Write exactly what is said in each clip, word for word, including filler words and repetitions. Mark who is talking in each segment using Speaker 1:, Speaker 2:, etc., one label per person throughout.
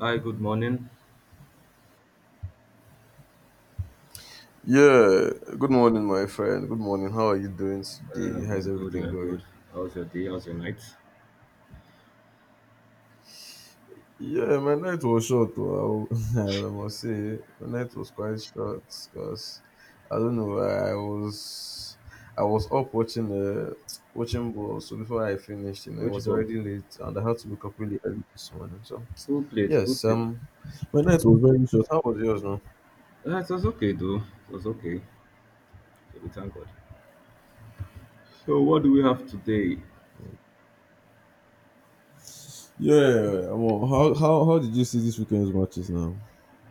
Speaker 1: Hi, good morning.
Speaker 2: Yeah, good morning, my friend. Good morning. How are you doing today?
Speaker 1: Um,
Speaker 2: How's
Speaker 1: I'm good,
Speaker 2: everything
Speaker 1: I'm
Speaker 2: going?
Speaker 1: good. How's your day? How's your night?
Speaker 2: Yeah, my night was short. Well, I will- I must say, my night was quite short because I don't know. I was I was up watching uh, watching ball. So before I finished, you know, it
Speaker 1: Which
Speaker 2: was
Speaker 1: ball?
Speaker 2: already late, and I had to wake up really early this morning. So
Speaker 1: Who played? Who
Speaker 2: yes,
Speaker 1: played?
Speaker 2: um, my night was very short. How was yours, now?
Speaker 1: Uh, it was okay, though. It was okay. So we thank God. So what do we have today?
Speaker 2: Yeah, well, how how how did you see this weekend's matches now?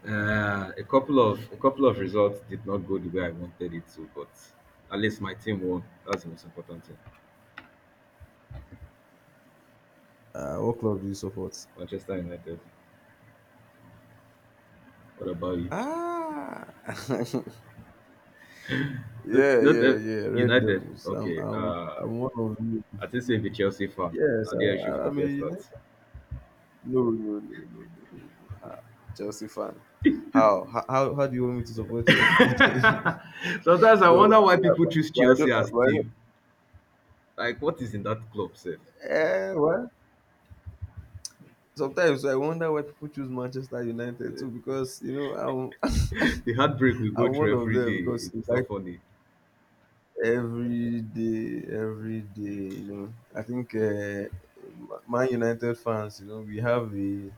Speaker 1: Uh, a couple of a couple of results did not go the way I wanted it to, but at least my team won. That's the most important thing.
Speaker 2: Uh, what club do you support?
Speaker 1: Manchester United. What about you?
Speaker 2: Ah,
Speaker 1: Not,
Speaker 2: yeah,
Speaker 1: not
Speaker 2: yeah,
Speaker 1: that-
Speaker 2: yeah. Red
Speaker 1: United.
Speaker 2: Devils. I'm,
Speaker 1: Okay.
Speaker 2: I'm,
Speaker 1: Uh,
Speaker 2: I'm one of you.
Speaker 1: I think say the Chelsea fan.
Speaker 2: Yes,
Speaker 1: Now
Speaker 2: I,
Speaker 1: they issue
Speaker 2: I-
Speaker 1: for
Speaker 2: I'm a
Speaker 1: their
Speaker 2: United.
Speaker 1: starts.
Speaker 2: No, no, no, no, no, no, no. Ah, Chelsea fan. How, how, how how do you want me to support Chelsea?
Speaker 1: Sometimes I
Speaker 2: but,
Speaker 1: wonder why people
Speaker 2: but,
Speaker 1: choose
Speaker 2: but I
Speaker 1: Chelsea
Speaker 2: don't.
Speaker 1: as
Speaker 2: But I don't
Speaker 1: team. Like, what is in that club, sef?
Speaker 2: eh, what? Sometimes I wonder why people choose Manchester United too, because you know I'm,
Speaker 1: The heartbreak we go
Speaker 2: I'm
Speaker 1: through
Speaker 2: one of
Speaker 1: every
Speaker 2: them
Speaker 1: day,
Speaker 2: because
Speaker 1: it's not funny.
Speaker 2: every day, every day, you know. I think uh, Man United fans, you know, we have a,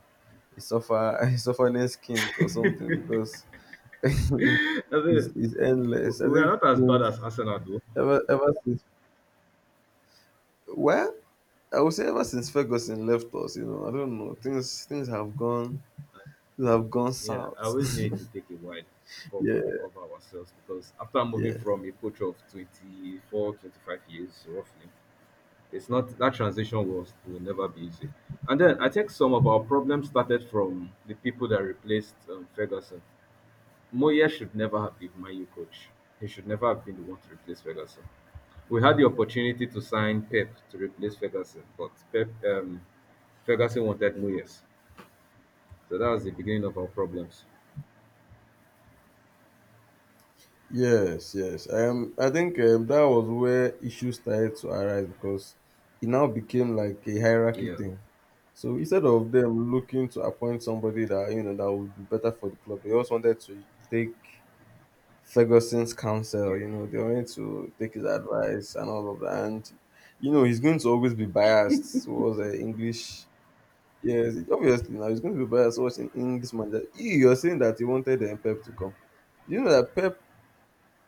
Speaker 2: a suffer a sufferness kink or something because it's,
Speaker 1: I mean,
Speaker 2: it's
Speaker 1: we
Speaker 2: endless. I
Speaker 1: we
Speaker 2: think
Speaker 1: are not as bad
Speaker 2: since-
Speaker 1: as Arsenal, though.
Speaker 2: ever ever since well, I would say ever since Ferguson left us, you know, I don't know, things things have gone things have gone
Speaker 1: Yeah, I
Speaker 2: south.
Speaker 1: always need to take a while before we
Speaker 2: Yeah,
Speaker 1: recover ourselves because after moving
Speaker 2: yeah.
Speaker 1: from a coach of twenty-four, twenty-five years, roughly, it's not that transition was will never be easy. And then I think some of our problems started from the people that replaced um, Ferguson. Moyes should never have been my U coach. He should never have been the one to replace Ferguson. We had the opportunity to sign Pep to replace Ferguson, but Pep um, Ferguson wanted Moyes, so that was the beginning of our problems.
Speaker 2: Yes, yes. Um, I think um, that was where issues started to arise because it now became like a hierarchy
Speaker 1: Yeah,
Speaker 2: thing. So instead of them looking to appoint somebody that you know that would be better for the club, they also wanted to take Ferguson's counsel. You know, they wanted to take his advice and all of that. And you know, he's going to always be biased towards the English. Yes, obviously now he's going to be biased towards an English manager. You, you're saying that he wanted um, Pep to come. You know that Pep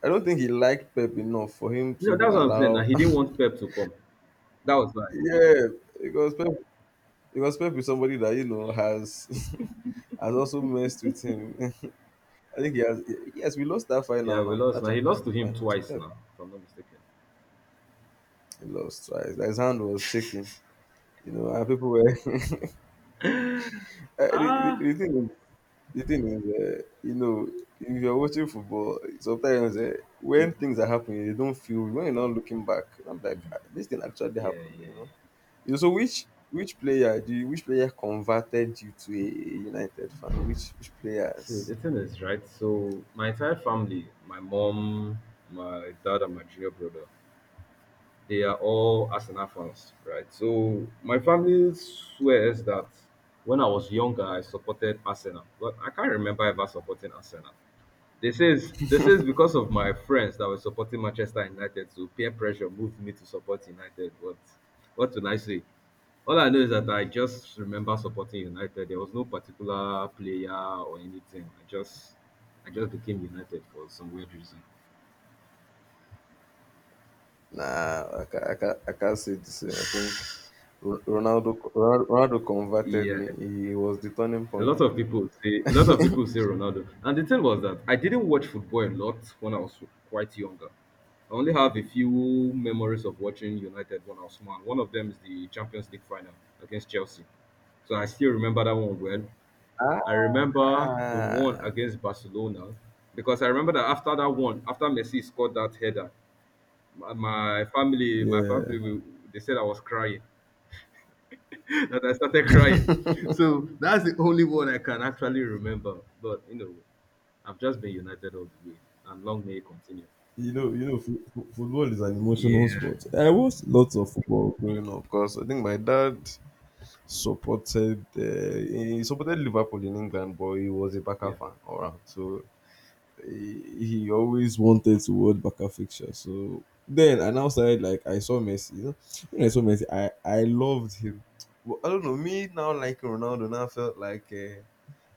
Speaker 2: I don't think he liked Pep enough for him to
Speaker 1: no,
Speaker 2: even
Speaker 1: that's what I'm saying. Now
Speaker 2: allow.
Speaker 1: he didn't want Pep to come. That was why.
Speaker 2: Yeah, because Pep, because Pep is somebody that you know has has also messed with him. I think he has. Yes, we lost that final
Speaker 1: Yeah, we
Speaker 2: now,
Speaker 1: lost.
Speaker 2: that
Speaker 1: Now he
Speaker 2: Champions
Speaker 1: lost to
Speaker 2: League
Speaker 1: him
Speaker 2: final to
Speaker 1: twice.
Speaker 2: Pep.
Speaker 1: Now, if I'm not mistaken.
Speaker 2: He lost twice. Like, his hand was shaking, you know, and people were. Uh, the, the,
Speaker 1: Ah,
Speaker 2: the thing is, the thing is, uh, you know, if you're watching football, sometimes uh, when things are happening, you don't feel when you're not looking back. I'm like, "Ah, this thing actually
Speaker 1: yeah,
Speaker 2: happened,
Speaker 1: yeah,
Speaker 2: you
Speaker 1: yeah.
Speaker 2: know. You so which which player do you, which player converted you to a United fan? Which which
Speaker 1: So
Speaker 2: players?
Speaker 1: the thing is, right? So my entire family, my mom, my dad, and my junior brother, they are all Arsenal fans, right? So my family swears that when I was younger, I supported Arsenal, but I can't remember ever supporting Arsenal. They says this is because of my friends that were supporting Manchester United, so peer pressure moved me to support United. But what can I say? All I know is that I just remember supporting United. There was no particular player or anything. I just I just became United for some weird reason.
Speaker 2: Nah, I can I can I can't say the same. I think Ro- Ronaldo Ronaldo Ronaldo converted
Speaker 1: Yeah.
Speaker 2: me. He was the turning
Speaker 1: A
Speaker 2: point.
Speaker 1: lot of people say a lot of people say Ronaldo. And the thing was that I didn't watch football a lot when I was quite younger. I only have a few memories of watching United when I was small, and one of them is the Champions League final against Chelsea. So I still remember that one well.
Speaker 2: Ah,
Speaker 1: I remember the one against Barcelona because I remember that after that one, after Messi scored that header, my, my family, my family,
Speaker 2: yeah.
Speaker 1: we- they said I was crying, that I started crying. So that's the only one I can actually remember. But you know, I've just been united all the way, and long may it continue.
Speaker 2: You know, you know, fo- fo- football is an emotional
Speaker 1: Yeah,
Speaker 2: sport. I watched lots of football growing up because I think my dad supported uh, he supported Liverpool in England, but he was a Barca
Speaker 1: yeah,
Speaker 2: fan all around. So he, he always wanted to world Baka fixture. So then I now started like I saw Messi. You know, when I saw Messi, I I loved him. But I don't know me now. Like Ronaldo now felt like. Uh,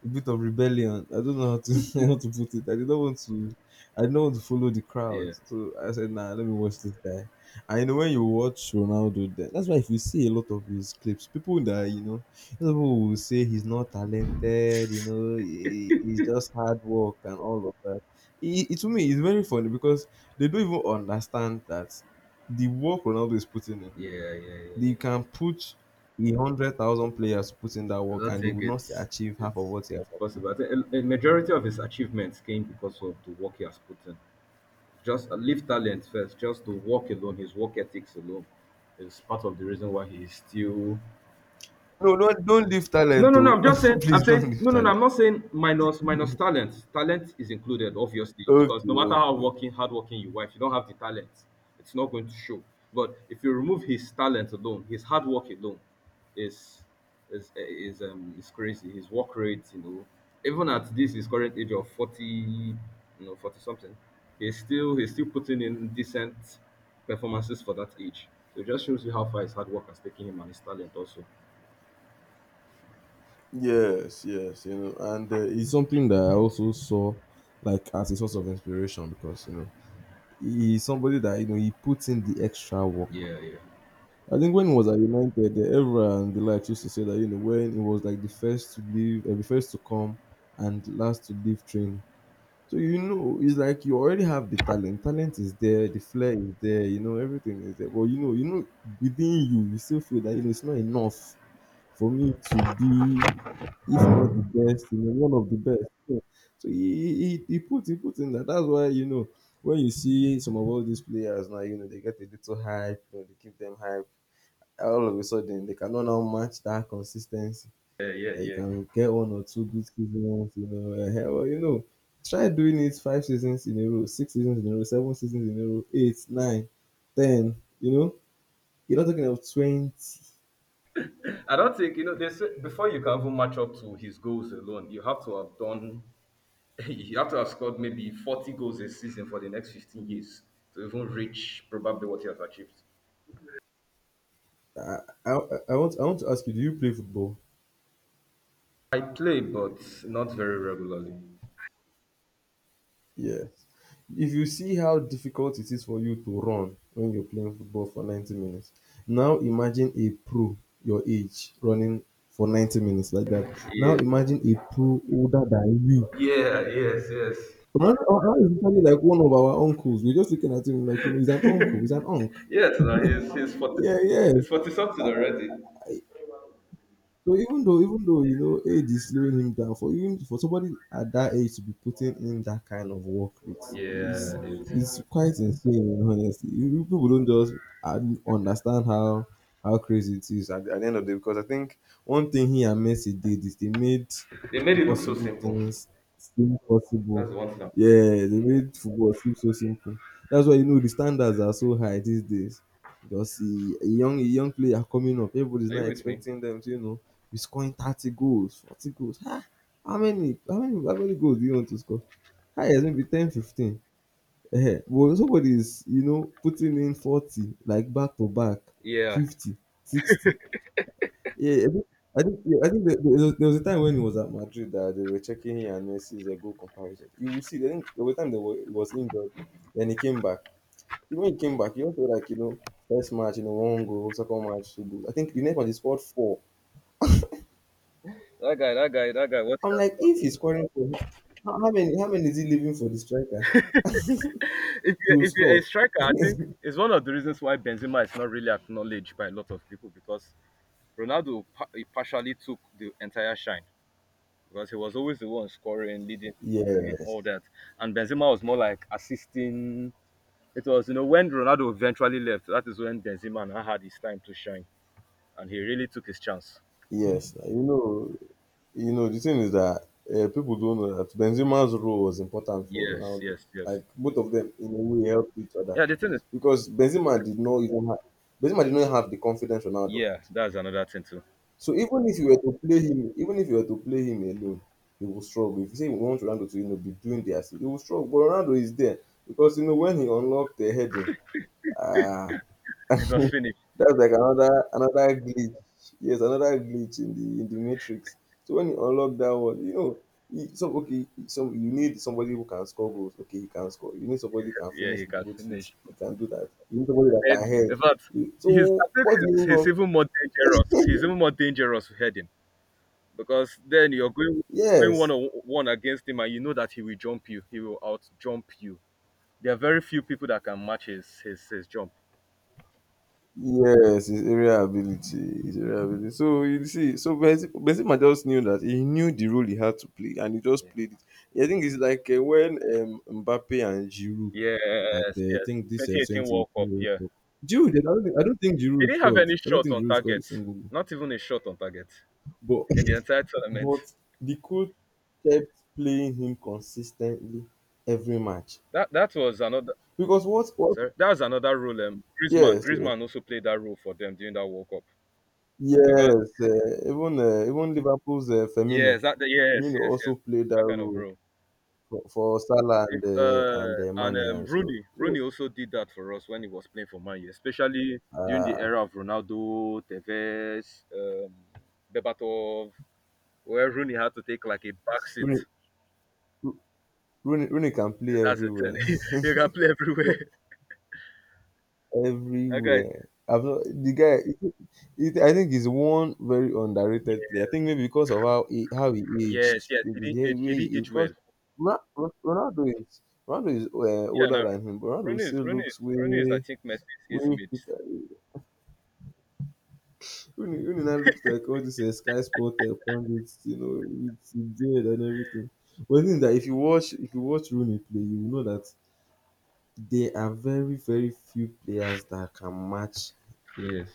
Speaker 2: A bit of rebellion. I don't know how to how to put it. I did not want to I did not want to follow the crowd.
Speaker 1: yeah,
Speaker 2: So I said, nah, let me watch this guy. And you know when you watch Ronaldo then that's why if you see a lot of his clips, people that you know those people will say he's not talented, you know, he, he's just hard work and all of that. It, it to me is very funny because they don't even understand that the work Ronaldo is putting in,
Speaker 1: yeah, yeah, yeah, yeah,
Speaker 2: they can
Speaker 1: yeah.
Speaker 2: put a hundred thousand players to put in that
Speaker 1: I
Speaker 2: work
Speaker 1: don't
Speaker 2: and they
Speaker 1: think
Speaker 2: would not still
Speaker 1: it's
Speaker 2: achieve half of
Speaker 1: it's
Speaker 2: what he has
Speaker 1: it's
Speaker 2: achieved.
Speaker 1: possible. I think a, a majority of his achievements came because of the work he has put in. Just uh, leave talent first, just the work alone, his work ethics alone, is part of the reason why he is still.
Speaker 2: No, don't don't leave
Speaker 1: No,
Speaker 2: talent,
Speaker 1: no, no.
Speaker 2: oh.
Speaker 1: I'm just saying. I'm
Speaker 2: Please don't
Speaker 1: saying
Speaker 2: leave
Speaker 1: no, no, no.
Speaker 2: talent.
Speaker 1: I'm not saying minus minus talent. Talent is included, obviously, because
Speaker 2: Okay,
Speaker 1: no matter how
Speaker 2: okay.
Speaker 1: working, hardworking you are, if you don't have the talent, it's not going to show. But if you remove his talent alone, his hard work alone, is is is um is crazy. His work rate, you know, even at this his current age of forty, you know, forty something, he's still he's still putting in decent performances for that age. So it just shows you how far his hard work has taken him and his talent also.
Speaker 2: Yes, yes, you know, and uh, it's something that I also saw like as a source of inspiration because you know he's somebody that you know he puts in the extra work.
Speaker 1: Yeah, yeah.
Speaker 2: I think when he was at United, the Evra and the likes used to say that you know when he was like the first to leave, uh, the first to come and last to leave train. So you know, it's like you already have the talent. Talent is there, the flair is there, you know, everything is there. But you know, you know, within you, you still feel that you know it's not enough for me to be, if not the best, you know, one of the best. You know. So he, he, he put he put in that. That's why you know when you see some of all these players now, you know they get a little hype, you know, they give them hype. All of a sudden, they cannot now match that consistency.
Speaker 1: Yeah, yeah,
Speaker 2: Yeah, you
Speaker 1: yeah.
Speaker 2: can get one or two good seasons, you know. Eh-heh, well, you know, try doing it five seasons in a row, six seasons in a row, seven seasons in a row, eight, nine, ten. You know, you're not talking of twenty.
Speaker 1: I don't think you know. They say before you can even match up to his goals alone, you have to have done. You have to have scored maybe forty goals a season for the next fifteen years to even reach probably what he has achieved.
Speaker 2: I, I, I want I want to ask you, do you play football?
Speaker 1: I play, but not very regularly.
Speaker 2: Yes. If you see how difficult it is for you to run when you're playing football for ninety minutes, now imagine a pro your age running for ninety minutes like that. Now
Speaker 1: Yeah.
Speaker 2: imagine a pro older than you.
Speaker 1: Yeah. Yes. Yes.
Speaker 2: Man, oh, how is Italy like one of our uncles? We're just looking at him like, you know, he's an uncle, he's an uncle.
Speaker 1: Yes. Now he's he's forty.
Speaker 2: Yeah, yeah.
Speaker 1: He's forty something already.
Speaker 2: So even though even though you know age is slowing him down, for even for somebody at that age to be putting in that kind of work rate
Speaker 1: Yeah.
Speaker 2: is is
Speaker 1: It,
Speaker 2: quite insane. Honestly, You- you people don't just un- understand how how crazy it is at, at the end of the day. Because I think one thing he and Messi did is they made
Speaker 1: they made it look so
Speaker 2: impossible
Speaker 1: simple.
Speaker 2: things seem possible.
Speaker 1: That's the one thing I'm saying.
Speaker 2: Yeah, they made football seem so simple. That's why you know the standards are so high these days. Because the young a young player coming up, everybody's
Speaker 1: Are
Speaker 2: not
Speaker 1: you with me?
Speaker 2: expecting them to you know be scoring thirty goals, forty goals. Ah, how many, how many, how many goals do you want to score? Highest maybe ten, fifteen. Eh, but somebody is, you know, putting in forty, like back to back,
Speaker 1: Yeah.
Speaker 2: fifty, sixty. Yeah, I think, I think, yeah, I think there, there, there was a time when he was at Madrid that they were checking him and Messi's uh, goal comparison. You will see, I think there was a time that he was injured, then he came back. Even when he came back, he also like, you know, first match, you know, one goal, second match, two goals. I think the next one he scored four.
Speaker 1: That guy. That guy. That guy. What he
Speaker 2: I'm
Speaker 1: has
Speaker 2: like,
Speaker 1: done.
Speaker 2: if he's scoring for how, how many how many is he leaving for the striker
Speaker 1: if you
Speaker 2: to
Speaker 1: if you're a
Speaker 2: score?
Speaker 1: striker, I think it's one of the reasons why Benzema is not really acknowledged by a lot of people because Ronaldo pa- he partially took the entire shine because he was always the one scoring, leading, and
Speaker 2: Yes,
Speaker 1: all that. And Benzema was more like assisting. It was, you know when Ronaldo eventually left, that is when Benzema now had his time to shine, and he really took his chance.
Speaker 2: yes. Like, you know, you know. The thing is that uh, people don't know that Benzema's role was important for
Speaker 1: Yes,
Speaker 2: Ronaldo.
Speaker 1: yes, yes.
Speaker 2: Like both of them, in a way, helped each other
Speaker 1: Yeah, the thing is,
Speaker 2: because Benzema did not even have Benzema did not have the confidence Ronaldo
Speaker 1: yeah,
Speaker 2: had.
Speaker 1: that's another thing too.
Speaker 2: So even if you were to play him, even if you were to play him alone, he will struggle. If you say you want Ronaldo to, you know, be doing the assist, he will struggle. But Ronaldo is there because you know when he unlocked the heading. Ah,
Speaker 1: It was finished.
Speaker 2: that's like another another glitch. Yes, another glitch in the in the matrix. So when you unlock that one, you know, you- some okay, some you need somebody who can score goals. Okay, he can score. You need somebody who can
Speaker 1: Yeah,
Speaker 2: finish
Speaker 1: he
Speaker 2: with
Speaker 1: can
Speaker 2: both feet.
Speaker 1: finish.
Speaker 2: He can do that. You need somebody that
Speaker 1: Head.
Speaker 2: can head.
Speaker 1: In fact,
Speaker 2: You-
Speaker 1: he's
Speaker 2: So
Speaker 1: I think
Speaker 2: what do you
Speaker 1: he's,
Speaker 2: move
Speaker 1: he's
Speaker 2: from?
Speaker 1: even more dangerous. He's even more dangerous heading because then you're going going one
Speaker 2: Yes,
Speaker 1: on one against him, and you know that he will jump you. He will out jump you. There are very few people that can match his his, his jump.
Speaker 2: yes, his area ability. His area ability. So you see, so Benzema Benzema just knew that he knew the role he had to play, and he just
Speaker 1: Yeah.
Speaker 2: played it. I think it's like uh, when um, Mbappe and Giroud at
Speaker 1: Yes,
Speaker 2: uh, I
Speaker 1: yes.
Speaker 2: think this uh,
Speaker 1: twenty eighteen
Speaker 2: twenty eighteen
Speaker 1: World Cup.
Speaker 2: World
Speaker 1: Yeah,
Speaker 2: Cup. Giroud, did- I don't, think, I don't think
Speaker 1: he
Speaker 2: Giroud
Speaker 1: didn't have
Speaker 2: scored.
Speaker 1: any
Speaker 2: I don't
Speaker 1: shot
Speaker 2: think
Speaker 1: on
Speaker 2: Giroud scored a
Speaker 1: target.
Speaker 2: single
Speaker 1: Not even a shot on target
Speaker 2: goal. But
Speaker 1: in the entire tournament.
Speaker 2: but the coach kept playing him consistently every match
Speaker 1: That that was another.
Speaker 2: because what what
Speaker 1: Sorry, that was another role. Um, Griezmann,
Speaker 2: yes yes
Speaker 1: Griezmann also played that role for them during that World Cup because
Speaker 2: yes uh, even uh, even Liverpool's uh, Firmino
Speaker 1: yes, that yes,
Speaker 2: Firmino
Speaker 1: yes, yes.
Speaker 2: also played that
Speaker 1: That kind of
Speaker 2: role
Speaker 1: role.
Speaker 2: for, for Salah
Speaker 1: If
Speaker 2: and uh, and
Speaker 1: uh
Speaker 2: uh,
Speaker 1: and
Speaker 2: Mane
Speaker 1: um
Speaker 2: and so
Speaker 1: Rooney,
Speaker 2: so
Speaker 1: Rooney also did that for us when he was playing for Man U, especially during the
Speaker 2: uh,
Speaker 1: era of Ronaldo, Tevez, um Bebatov, where Rooney had to take like a back seat.
Speaker 2: Rooney, Rooney, Rooney can play
Speaker 1: That's the thing.
Speaker 2: everywhere.
Speaker 1: He can play everywhere. That guy.
Speaker 2: Everywhere. I've not, the guy, it, it, I think he's one very underrated player. I
Speaker 1: Yeah,
Speaker 2: think maybe because of how he, how he
Speaker 1: yes,
Speaker 2: aged,
Speaker 1: yes, he
Speaker 2: maybe
Speaker 1: didn't
Speaker 2: the
Speaker 1: age he
Speaker 2: way
Speaker 1: didn't
Speaker 2: he aged.
Speaker 1: age
Speaker 2: Because
Speaker 1: well.
Speaker 2: Ro- Ro- Ronaldo is Ronaldo is uh,
Speaker 1: Yeah,
Speaker 2: older
Speaker 1: no.
Speaker 2: than him, but Ronaldo
Speaker 1: Rooney is
Speaker 2: still
Speaker 1: Rooney is
Speaker 2: looks
Speaker 1: Rooney is I
Speaker 2: way
Speaker 1: think Messi's age
Speaker 2: way
Speaker 1: mate.
Speaker 2: fitter. Uni now looks like all these uh, Sky Sport uh, pundits, you know, with his beard and everything. But the thing is that if you watch if you watch Rooney play, you will know that there are very very few players that can match,
Speaker 1: Yes.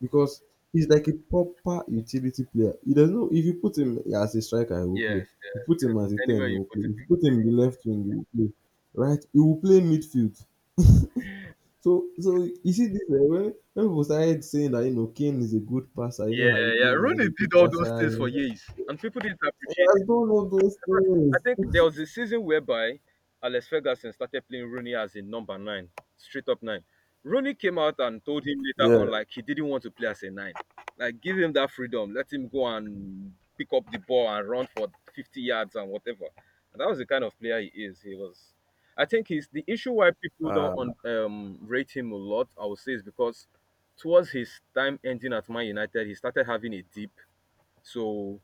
Speaker 2: because he's like a proper utility player. He doesn't know, if you put him as a striker, he will play.
Speaker 1: Yes,
Speaker 2: If you
Speaker 1: yes,
Speaker 2: put
Speaker 1: yes.
Speaker 2: him as a ten,
Speaker 1: Anywhere
Speaker 2: he
Speaker 1: you
Speaker 2: will play.
Speaker 1: put him.
Speaker 2: If you put him in the left wing, he will play. Right? He will play midfield. So so you see this eh, when when people started saying that, you know, Kane is a good passer, you know,
Speaker 1: Yeah,
Speaker 2: Harry
Speaker 1: yeah.
Speaker 2: Kane now is
Speaker 1: Rooney
Speaker 2: a
Speaker 1: did
Speaker 2: good
Speaker 1: all those
Speaker 2: passer, you
Speaker 1: things for
Speaker 2: know,
Speaker 1: years, and people didn't
Speaker 2: he
Speaker 1: appreciate.
Speaker 2: has done all those
Speaker 1: Fact,
Speaker 2: things.
Speaker 1: I think there was a season whereby Alex Ferguson started playing Rooney as a number nine, straight up nine. Rooney came out and told him later
Speaker 2: Yeah.
Speaker 1: on, like, he didn't want to play as a nine. Like, give him that freedom. Let him go and pick up the ball and run for fifty yards and whatever. And that was the kind of player he is. He was. I think he's the issue why people
Speaker 2: Uh,
Speaker 1: don't un, um, rate him a lot, I would say, is because towards his time ending at Man United, he started having a dip. So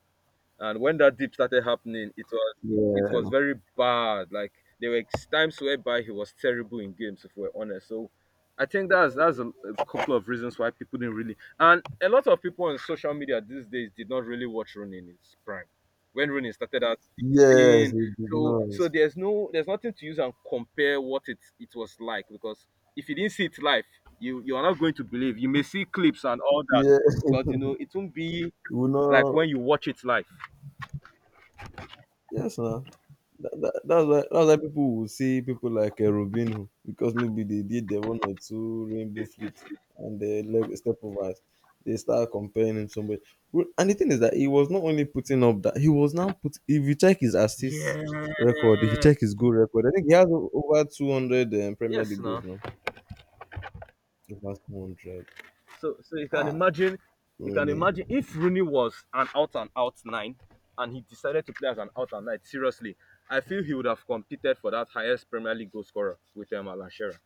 Speaker 1: and when that dip started happening, it was it, it was
Speaker 2: yeah.
Speaker 1: very bad. Like there were times whereby he was terrible in games, if we're honest. So I think that's that's a, a couple of reasons why people didn't really and a lot of people on social media these days did not really watch Rooney in his prime. When Rooney started at
Speaker 2: Yes,
Speaker 1: sixteen.
Speaker 2: he did
Speaker 1: So
Speaker 2: not.
Speaker 1: so there's no there's nothing to use and compare what it it was like because if you didn't see it live, you you are not going to believe. You may see clips and all that,
Speaker 2: Yeah.
Speaker 1: but you know it won't be
Speaker 2: He will
Speaker 1: like
Speaker 2: not
Speaker 1: when you watch it live.
Speaker 2: yes now. That, that, that's why that's why people will see people like uh, Robinho because maybe they did the one or two rainbow flicks and they leg step over it. They start comparing him to somebody. Well, and the thing is that he was not only putting up that he was now put. If you check his assist
Speaker 1: Yeah.
Speaker 2: record, if you check his goal record, I think he has o- over two hundred um, Premier
Speaker 1: Yes,
Speaker 2: League goals
Speaker 1: no.
Speaker 2: now. Over two hundred.
Speaker 1: So so you can
Speaker 2: Ah,
Speaker 1: imagine you can
Speaker 2: really? Y-
Speaker 1: imagine if Rooney was an out and out nine and he decided to play as an out and nine, seriously, I feel he would have competed for that highest Premier League goal scorer with um, Alan Shearer.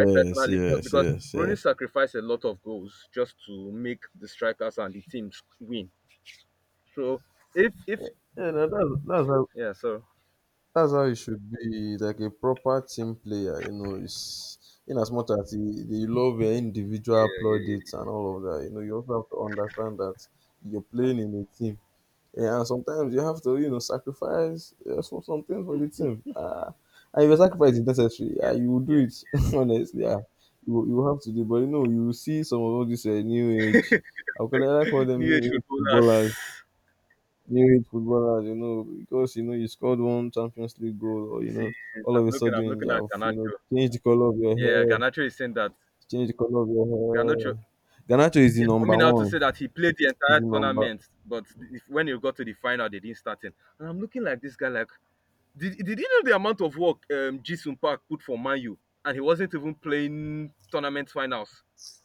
Speaker 1: I personally feel
Speaker 2: yes,
Speaker 1: because
Speaker 2: yes,
Speaker 1: Rooney
Speaker 2: yes.
Speaker 1: sacrificed a lot of goals just to make the strikers and the teams win. So if if
Speaker 2: Yeah, no, that's that's how
Speaker 1: yeah, so
Speaker 2: That's how you should be, like a proper team player. You know, it's in as much as you, you love your individual
Speaker 1: yeah, yeah,
Speaker 2: plaudits
Speaker 1: yeah,
Speaker 2: and all of that. You know, you also have to understand that you're playing in a team, yeah, and sometimes you have to, you know, sacrifice uh, some some things for the team. Ah, and if your sacrifice is necessary, yeah,
Speaker 1: yeah,
Speaker 2: you will do
Speaker 1: yeah, yeah.
Speaker 2: it honestly. Yeah, you will- you will have to do, but you know, you will see some of all this uh, new age. I would call I call them
Speaker 1: New age
Speaker 2: new age
Speaker 1: footballers.
Speaker 2: footballers, new age footballers, you know, because you know you scored one Champions League goal, or you know,
Speaker 1: See, I'm
Speaker 2: all of a
Speaker 1: looking, I'm
Speaker 2: sudden you
Speaker 1: looking at
Speaker 2: have, you know,
Speaker 1: Ganacho.
Speaker 2: changed the color of your
Speaker 1: Yeah,
Speaker 2: hair,
Speaker 1: Garnacho is saying that
Speaker 2: changed the color of your
Speaker 1: Garnacho.
Speaker 2: hair. Ganacho is the
Speaker 1: Yeah,
Speaker 2: number
Speaker 1: coming out to
Speaker 2: one.
Speaker 1: say that he played the
Speaker 2: Is
Speaker 1: entire
Speaker 2: the number
Speaker 1: tournament, but if, when he got to the final, they didn't start him. And I'm looking like this guy, like, did, did you know the amount of work um, Jisun Park put for Manu, and he wasn't even playing tournament finals?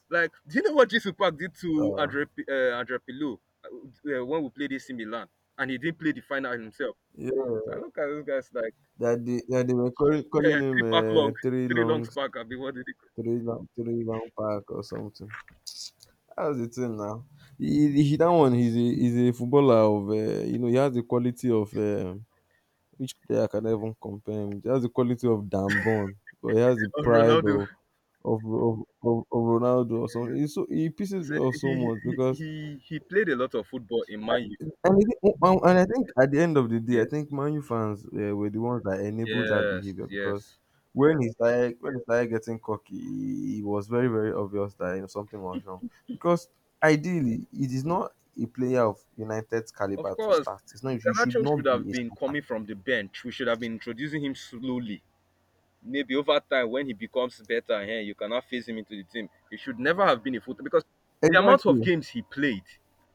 Speaker 1: Like, do you know what Jisun Park did to
Speaker 2: uh
Speaker 1: Andre P- uh, Andre Pilou uh, uh, when we played A C Milan, and he didn't play the final himself? So
Speaker 2: yeah,
Speaker 1: I look at those guys like
Speaker 2: that they that they were calling,
Speaker 1: uh,
Speaker 2: calling him
Speaker 1: three pack
Speaker 2: uh,
Speaker 1: long,
Speaker 2: three
Speaker 1: three
Speaker 2: long,
Speaker 1: long pack. I'll be what did he.
Speaker 2: three long, three long pack or something. That's the thing now. He, he that one, he's a he's a footballer of uh, you know, he has the quality of. Uh, Which player can I even compare him? He has the quality of Dambon, but he has the
Speaker 1: Of
Speaker 2: pride
Speaker 1: Ronaldo.
Speaker 2: of of of, of, of Ronaldo or something. He's so, he pisses
Speaker 1: So
Speaker 2: me off so
Speaker 1: he,
Speaker 2: much
Speaker 1: he
Speaker 2: because
Speaker 1: he he played a lot of football in Man U.
Speaker 2: and, it, and and I think at the end of the day, I
Speaker 1: Yeah.
Speaker 2: think Manu fans uh, were the ones that enabled that
Speaker 1: Yes,
Speaker 2: behavior because
Speaker 1: yes.
Speaker 2: when he started when he started getting cocky, he- it was very very obvious that, you know, something was wrong because ideally it is not a player of United's caliber
Speaker 1: Of
Speaker 2: to
Speaker 1: course,
Speaker 2: start. It's not, you should
Speaker 1: Garnacho should
Speaker 2: not
Speaker 1: have
Speaker 2: be a
Speaker 1: been
Speaker 2: starter.
Speaker 1: coming from the bench. We should have been introducing him slowly. Maybe over time, when he becomes better, eh, you cannot phase him into the team. He should never have been a full because the amount of
Speaker 2: Exactly.
Speaker 1: games he played,